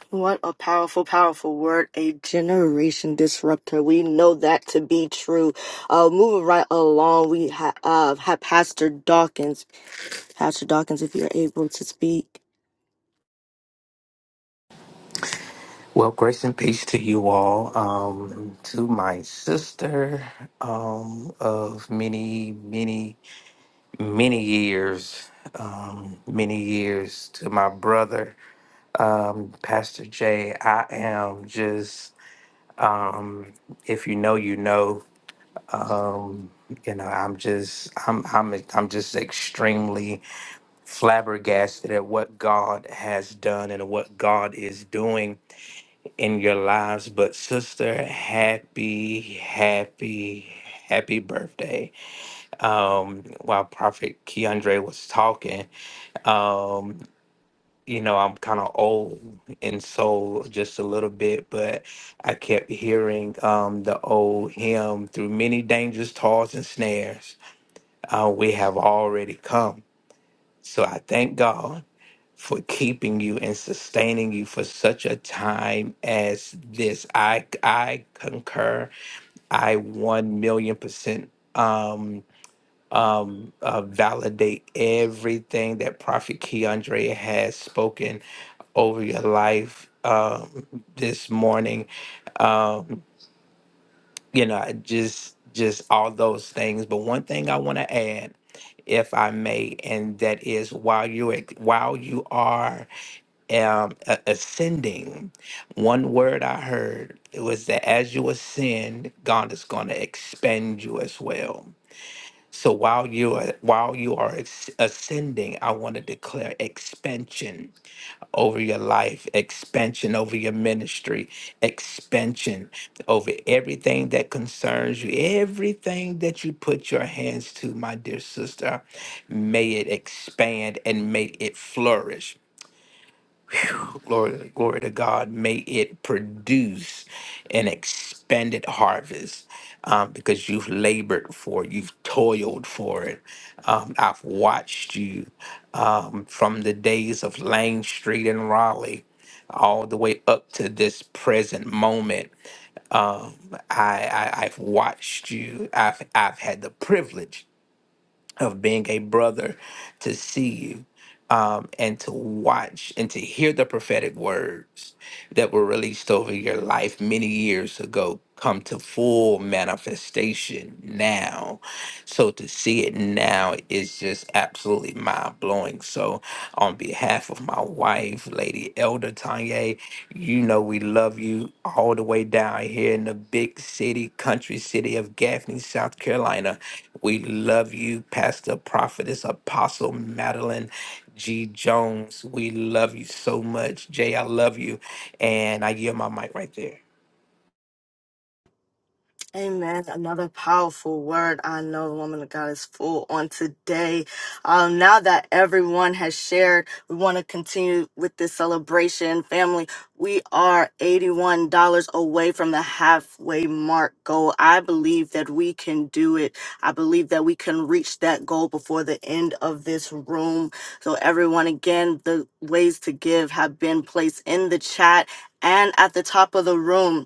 Speaker 1: What a powerful, powerful word. A generation disruptor. We know that to be true. Uh, moving right along, we ha- uh, have Pastor Dawkins. Pastor Dawkins, if you're able to speak.
Speaker 13: Well, grace and peace to you all. Um, to my sister um, of many, many, many years, um, many years. To my brother, um, Pastor Jay. I am just, um, if you know, you know. Um, you know, I'm just, I'm, I'm, I'm just extremely flabbergasted at what God has done and what God is doing in your lives. But sister, happy, happy, happy birthday. Um, while Prophet Keandre was talking, um, you know, I'm kind of old in soul just a little bit, but I kept hearing um, the old hymn through many dangers, toils, and snares. Uh, we have already come. So I thank God for keeping you and sustaining you for such a time as this. I I concur. I one million percent um um uh, validate everything that Prophet Keandre has spoken over your life um this morning. Um, you know, I just just all those things. But one thing I want to add, if I may, and that is while you while you are um, a- ascending. One word I heard it was that as you ascend, God is going to expand you as well. So while you are while you are ex- ascending, I want to declare expansion over your life, expansion over your ministry, expansion over everything that concerns you, everything that you put your hands to, my dear sister. May it expand and may it flourish Glory, glory to God. May it produce an expanded harvest um, because you've labored for it, you've toiled for it. Um, I've watched you um, from the days of Lang Street in Raleigh all the way up to this present moment. Um, I, I, I've watched you, I've, I've had the privilege of being a brother to see you um, and to watch and to hear the prophetic words that were released over your life many years ago come to full manifestation now so to see it now is just absolutely mind blowing. So on behalf of my wife, Lady Elder Tanya, you know we love you all the way down here in the big city, country city of Gaffney, South Carolina. We love you, Pastor Prophetess Apostle Madeline. G Jones, we love you so much. Jay, I love you. And I yield my mic right there.
Speaker 1: Amen. Another powerful word. I know the woman of God is full on today. Um, now that everyone has shared, we want to continue with this celebration. Family, we are $81 away from the halfway mark goal. I believe that we can do it. I believe that we can reach that goal before the end of this room. So, everyone, again, the ways to give have been placed in the chat and at the top of the room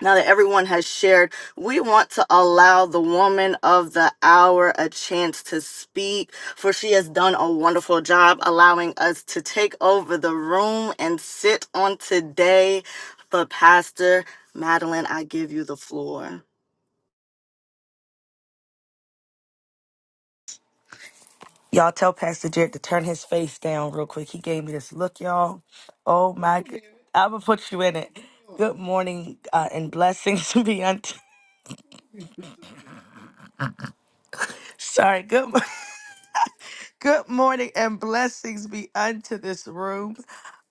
Speaker 1: now that everyone has shared, we want to allow the woman of the hour a chance to speak, for she has done a wonderful job allowing us to take over the room and sit on today. But, Pastor Madeline, I give you the floor.
Speaker 14: Y'all tell Pastor Jared to turn his face down real quick. He gave me this look, y'all. Oh my god. I'ma put you in it. Good morning uh, and blessings (laughs) be unto sorry, good mo- (laughs) good morning and blessings be unto this room.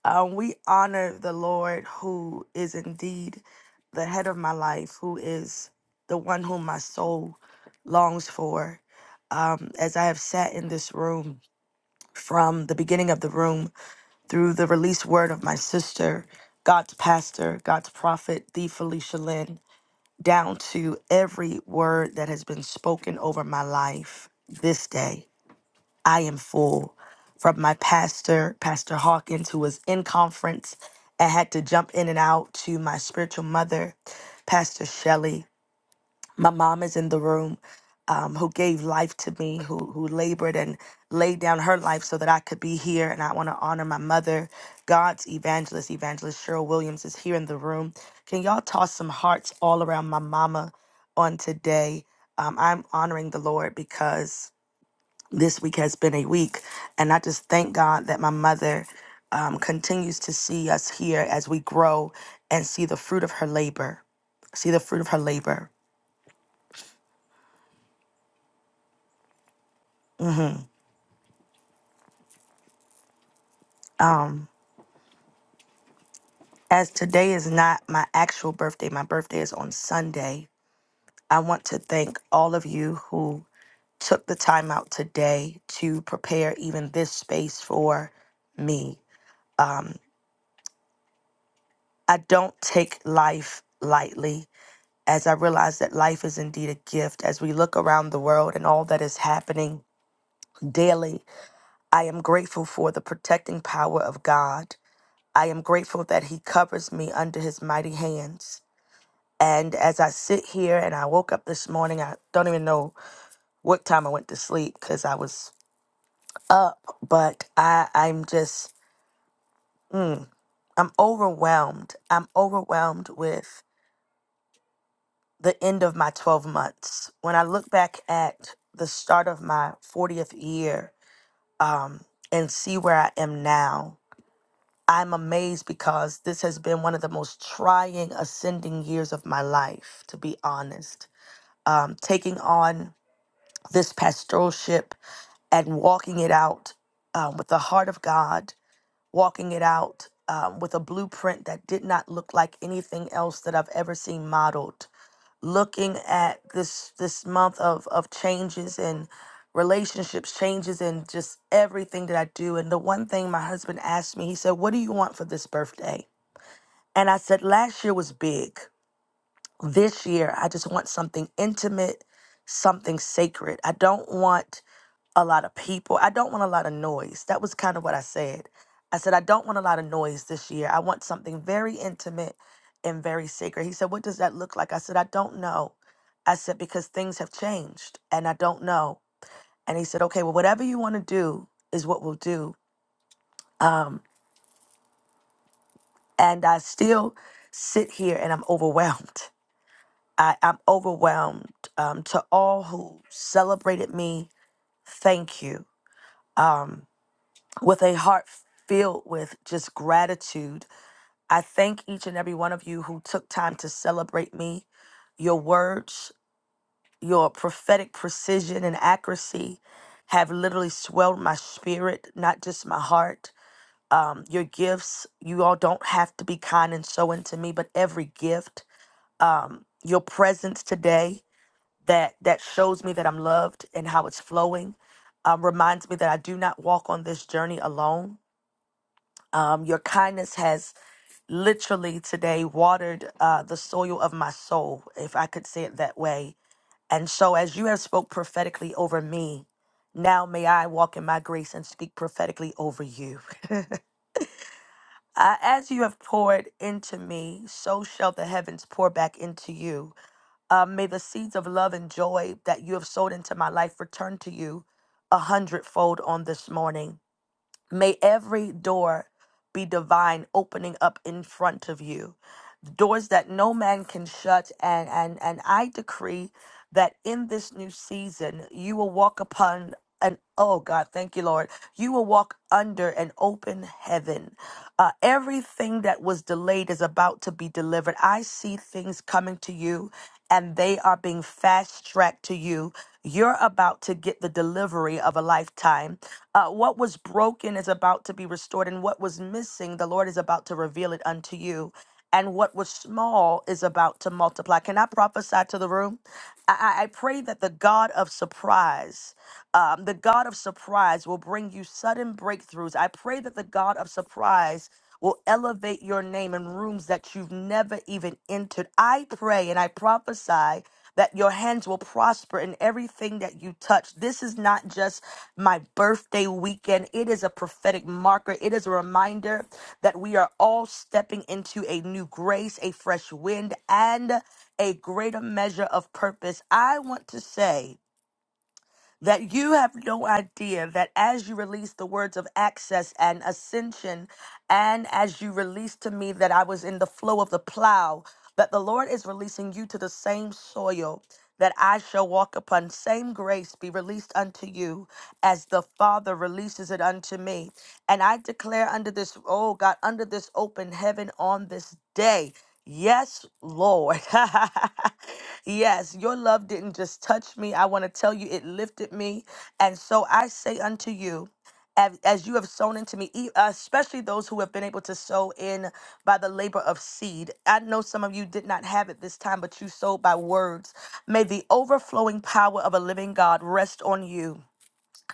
Speaker 14: Um, we honor the Lord who is indeed the head of my life, who is the one whom my soul longs for. Um, as I have sat in this room from the beginning of the room through the released word of my sister, God's pastor, God's prophet, the Felicia Lynn, down to every word that has been spoken over my life this day. I am full. From my pastor, Pastor Hawkins, who was in conference and had to jump in and out, to my spiritual mother, Pastor Shelley. My mom is in the room um, who gave life to me, who who labored and laid down her life so that I could be here. And I want to honor my mother, God's evangelist, evangelist Cheryl Williams is here in the room. Can y'all toss some hearts all around my mama on today? Um, I'm honoring the Lord because this week has been a week, and I just thank God that my mother. Um, continues to see us here as we grow and see the fruit of her labor. See the fruit of her labor. Um, as today is not my actual birthday, my birthday is on Sunday, I want to thank all of you who took the time out today to prepare even this space for me. I don't take life lightly as I realize that life is indeed a gift. As we look around the world and all that is happening daily, I am grateful for the protecting power of God. I am grateful that He covers me under His mighty hands. And as I sit here and I woke up this morning, I don't even know what time I went to sleep because I was up, but I, I'm just, mm, I'm overwhelmed. I'm overwhelmed with the end of my 12 months. When I look back at the start of my 40th year um, and see where I am now, I'm amazed because this has been one of the most trying ascending years of my life, to be honest. Um, taking on this pastoralship and walking it out um, with the heart of God, walking it out um, with a blueprint that did not look like anything else that I've ever seen modeled. Looking at this this month of of changes and relationships, changes and just everything that I do. And the one thing my husband asked me, he said, "What do you want for this birthday?" And I said, "Last year was big. This year, I just want something intimate." Something sacred. I don't want a lot of people. I don't want a lot of noise. That was kind of what I said. I said, I don't want a lot of noise this year. I want something very intimate and very sacred. He said, What does that look like? I said, I don't know. I said, Because things have changed and I don't know. And he said, Okay, well, whatever you want to do is what we'll do. And I still sit here and I'm overwhelmed. I, I'm overwhelmed um, to all who celebrated me. Thank you. Um, with a heart filled with just gratitude I thank each and every one of you who took time to celebrate me. Your words, your prophetic precision and accuracy have literally swelled my spirit, not just my heart. Um, your gifts, you all don't have to be kind and so into me, but every gift, um, your presence today that that shows me that I'm loved and how it's flowing um, reminds me that I do not walk on this journey alone. Um, your kindness has literally today watered uh, the soil of my soul, if I could say it that way. And so, as you have spoke prophetically over me, now may I walk in my grace and speak prophetically over you. (laughs) Uh, as you have poured into me, so shall the heavens pour back into you. Uh, may the seeds of love and joy that you have sowed into my life return to you a hundredfold on this morning. May every door be divine opening up in front of you doors that no man can shut and and and i decree that in this new season you will walk upon an oh god thank you lord you will walk under an open heaven uh, everything that was delayed is about to be delivered i see things coming to you and they are being fast tracked to you. You're about to get the delivery of a lifetime. Uh, what was broken is about to be restored, and what was missing, the Lord is about to reveal it unto you. And what was small is about to multiply. Can I prophesy to the room? I, I I pray that the God of surprise, um, the God of surprise will bring you sudden breakthroughs. I pray that the God of surprise will elevate your name in rooms that you've never even entered. I pray and I prophesy that your hands will prosper in everything that you touch. This is not just my birthday weekend, it is a prophetic marker. It is a reminder that we are all stepping into a new grace, a fresh wind, and a greater measure of purpose. I want to say, that you have no idea that as you release the words of access and ascension, and as you release to me that I was in the flow of the plow, that the Lord is releasing you to the same soil that I shall walk upon, same grace be released unto you as the Father releases it unto me. And I declare under this, oh God, under this open heaven on this day. Yes, Lord. (laughs) yes, your love didn't just touch me. I want to tell you, it lifted me. And so I say unto you, as, as you have sown into me, e- especially those who have been able to sow in by the labor of seed. I know some of you did not have it this time, but you sowed by words. May the overflowing power of a living God rest on you.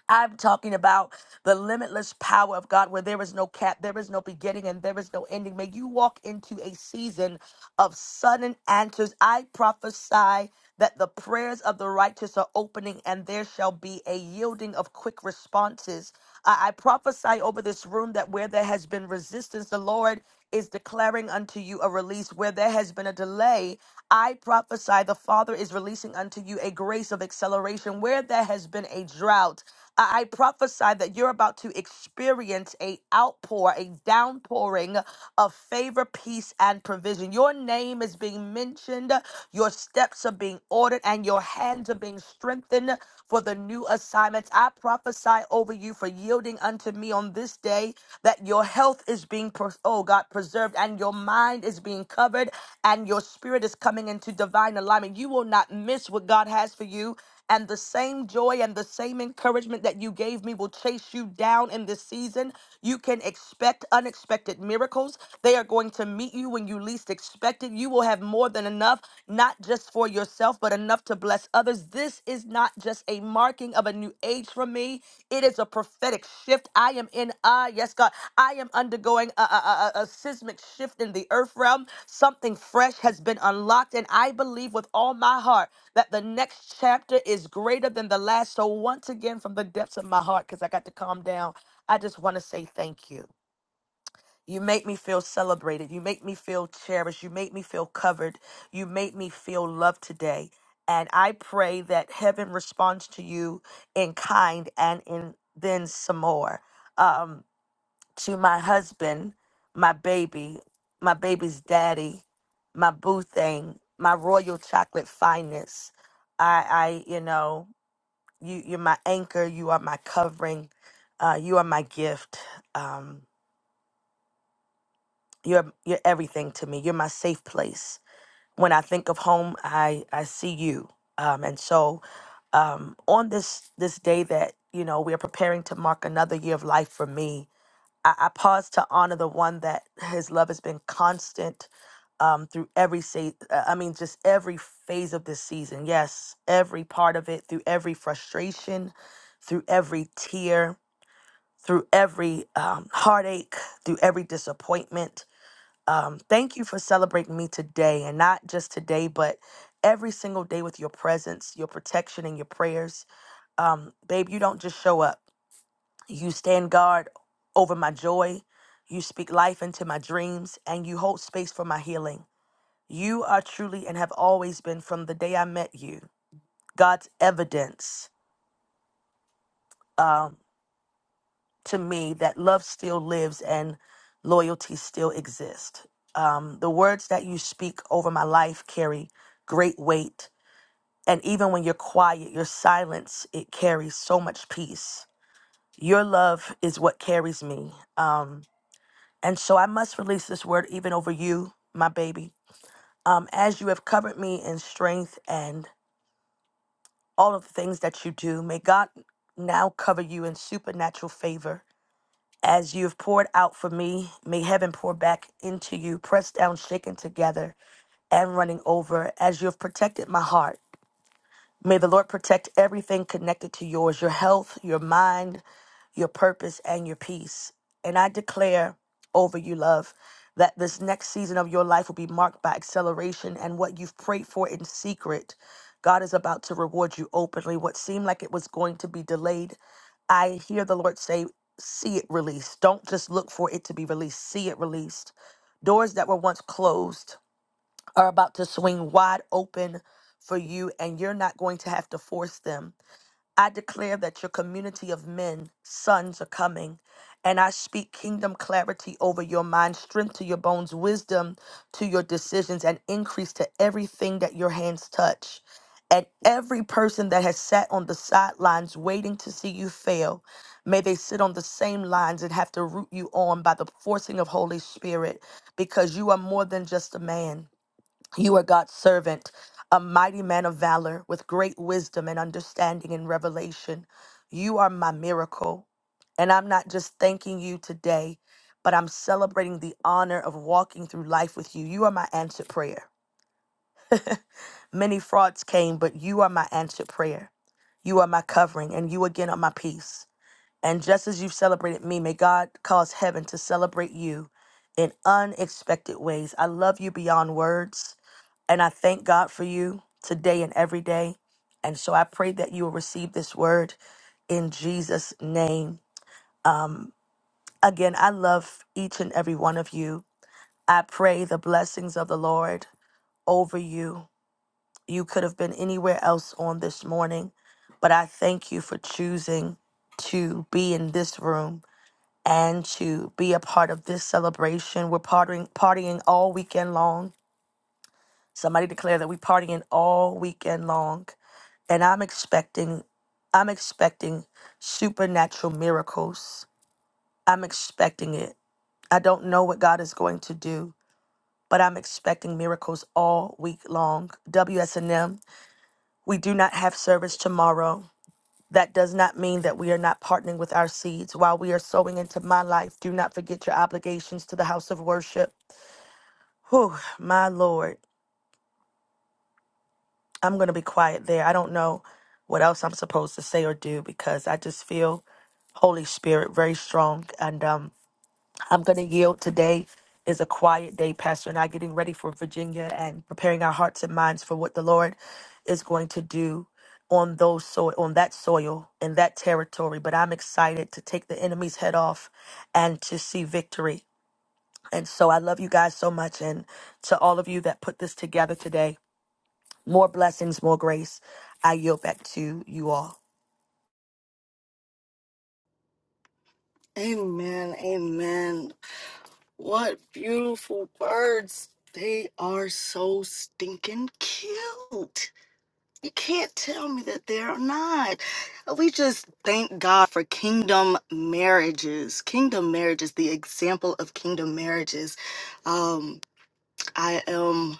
Speaker 14: I'm talking about the limitless power of God where there is no cap, there is no beginning, and there is no ending. May you walk into a season of sudden answers. I prophesy that the prayers of the righteous are opening and there shall be a yielding of quick responses. I, I prophesy over this room that where there has been resistance, the Lord is declaring unto you a release. Where there has been a delay, I prophesy the Father is releasing unto you a grace of acceleration. Where there has been a drought, I I prophesy that you're about to experience a outpour, a downpouring of favor, peace, and provision. Your name is being mentioned, your steps are being ordered, and your hands are hands are being strengthened for the new assignments. I prophesy over you for yielding unto me on this day that your health is being, pres- oh God, preserved and your mind is being covered and your spirit is coming into divine alignment. You will not miss what God has for you and the same joy and the same encouragement that you gave me will chase you down in this season. You can expect unexpected miracles. They are going to meet you when you least expect it. You will have more than enough, not just for yourself, but enough to bless others. This is not just a marking of a new age for me, it is a prophetic shift. I am in, uh, yes, God, I am undergoing a, a, a, a seismic shift in the earth realm. Something fresh has been unlocked, and I believe with all my heart that the next chapter is greater than the last. So, once again, from the depths of my heart, because I got to calm down, I just want to say thank you. You make me feel celebrated. You make me feel cherished. You make me feel covered. You make me feel loved today. And I pray that heaven responds to you in kind and in then some more. Um, to my husband, my baby, my baby's daddy, my boo thing, my royal chocolate fineness. I, I, you know, you, you're my anchor. You are my covering. Uh, you are my gift. Um, you're, you're everything to me. You're my safe place. When I think of home, I, I see you. Um, and so, um, on this this day that you know we are preparing to mark another year of life for me, I, I pause to honor the one that his love has been constant um, through every se- uh, I mean, just every phase of this season. Yes, every part of it, through every frustration, through every tear, through every um, heartache, through every disappointment. Um, thank you for celebrating me today, and not just today, but every single day with your presence, your protection, and your prayers. Um, babe, you don't just show up you stand guard over my joy. You speak life into my dreams, and you hold space for my healing. You are truly and have always been from the day I met you. God's evidence um, to me that love still lives and loyalty still exists. Um, the words that you speak over my life carry great weight. And even when you're quiet, your silence, it carries so much peace. Your love is what carries me. Um, And so I must release this word even over you, my baby. Um, as you have covered me in strength and all of the things that you do, may God now cover you in supernatural favor. As you have poured out for me, may heaven pour back into you, pressed down, shaken together, and running over. As you have protected my heart, may the Lord protect everything connected to yours your health, your mind, your purpose, and your peace. And I declare over you, love, that this next season of your life will be marked by acceleration and what you've prayed for in secret. God is about to reward you openly. What seemed like it was going to be delayed, I hear the Lord say, See it released. Don't just look for it to be released, see it released. Doors that were once closed are about to swing wide open for you, and you're not going to have to force them I declare that your community of men, sons, are coming. And I speak kingdom clarity over your mind, strength to your bones, wisdom to your decisions, and increase to everything that your hands touch. And every person that has sat on the sidelines waiting to see you fail, may they sit on the same lines and have to root you on by the forcing of Holy Spirit, because you are more than just a man. You are God's servant, a mighty man of valor with great wisdom and understanding and revelation. You are my miracle. And I'm not just thanking you today, but I'm celebrating the honor of walking through life with you. You are my answered prayer. Many frauds came, but you are my answered prayer. You are my covering, and you again are my peace. And just as you've celebrated me, may God cause heaven to celebrate you in unexpected ways. I love you beyond words. And I thank God for you today and every day. And so I pray that you will receive this word in Jesus' name. Again, I love each and every one of you. I pray the blessings of the Lord over you. You could have been anywhere else on this morning, but I thank you for choosing to be in this room and to be a part of this celebration. We're partying, partying all weekend long. Somebody declare that we're partying all weekend long. and I'm expecting I'm expecting supernatural miracles. I'm expecting it. I don't know what God is going to do, but I'm expecting miracles all week long. WSNM, we do not have service tomorrow. That does not mean that we are not partnering with our seeds. While we are sowing into my life, do not forget your obligations to the house of worship. Whew, my Lord. I'm going to be quiet there. I don't know what else I'm supposed to say or do because I just feel Holy Spirit, very strong. And um, I'm going to yield today is a quiet day, Pastor, and I getting ready for Virginia and preparing our hearts and minds for what the Lord is going to do on those soil, on that soil in that territory. But I'm excited to take the enemy's head off and to see victory. And so I love you guys so much, and to all of you that put this together today, more blessings, more grace. I yield back to you all.
Speaker 1: Amen. Amen. What beautiful birds. They are so stinking cute. You can't tell me that they're not. We just thank God for kingdom marriages. Kingdom marriages, the example of kingdom marriages. Um, I am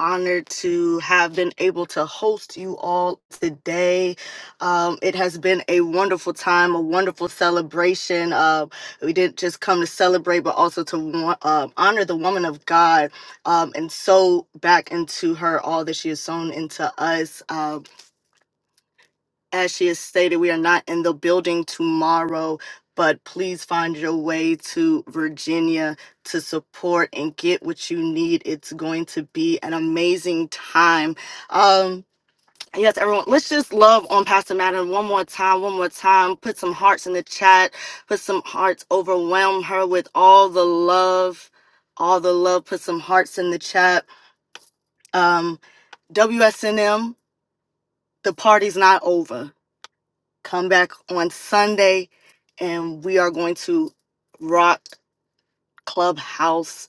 Speaker 1: honored to have been able to host you all today. Um, it has been a wonderful time, a wonderful celebration. Uh, we didn't just come to celebrate, but also to wa- uh, honor the woman of God um, and sow back into her all that she has sown into us. Um, as she has stated, we are not in the building tomorrow, but please find your way to Virginia to support and get what you need. It's going to be an amazing time. Um, yes, everyone, let's just love on Pastor Madden one more time, one more time. Put some hearts in the chat, put some hearts, overwhelm her with all the love. All the love, put some hearts in the chat. Um, WSNM, the party's not over Come back on Sunday and we are going to rock Clubhouse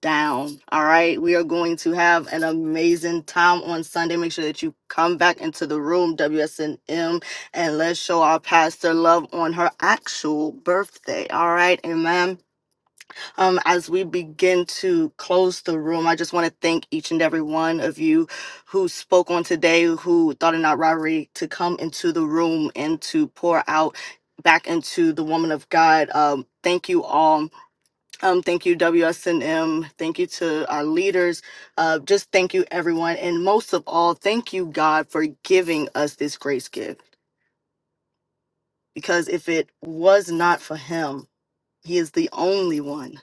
Speaker 1: down. All right. We are going to have an amazing time on Sunday. Make sure that you come back into the room, WSNM, and let's show our pastor love on her actual birthday. All right. Amen. Um, as we begin to close the room, I just want to thank each and every one of you who spoke on today, who thought it not robbery to come into the room and to pour out back into the woman of God. Um, thank you all. Um, thank you, WSNM. Thank you to our leaders. Uh, just thank you, everyone. And most of all, thank you, God, for giving us this grace gift. Because if it was not for Him, he is the only one,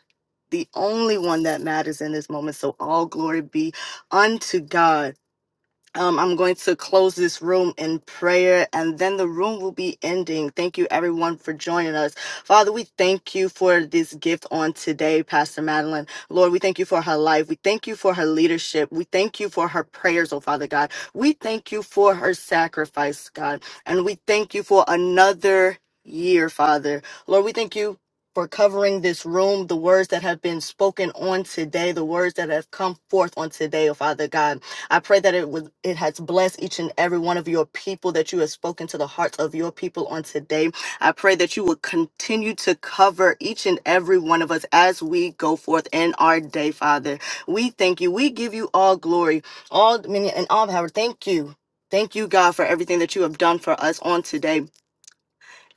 Speaker 1: the only one that matters in this moment. So all glory be unto God. Um, I'm going to close this room in prayer and then the room will be ending. Thank you, everyone, for joining us. Father, we thank you for this gift on today, Pastor Madeline. Lord, we thank you for her life. We thank you for her leadership. We thank you for her prayers, oh Father God. We thank you for her sacrifice, God. And we thank you for another year, Father. Lord, we thank you. For covering this room, the words that have been spoken on today, the words that have come forth on today, oh Father God. I pray that it was it has blessed each and every one of your people that you have spoken to the hearts of your people on today. I pray that you will continue to cover each and every one of us as we go forth in our day, Father. We thank you. We give you all glory, all dominion, and all power. Thank you. Thank you, God, for everything that you have done for us on today.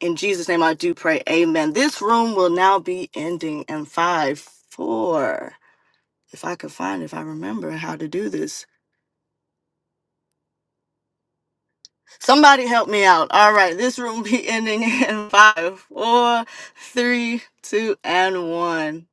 Speaker 1: In Jesus' name, I do pray. Amen. This room will now be ending in five, four. If I could find, if I remember how to do this. Somebody help me out. All right, this room be (laughs) ending in five, four, three, two, and one.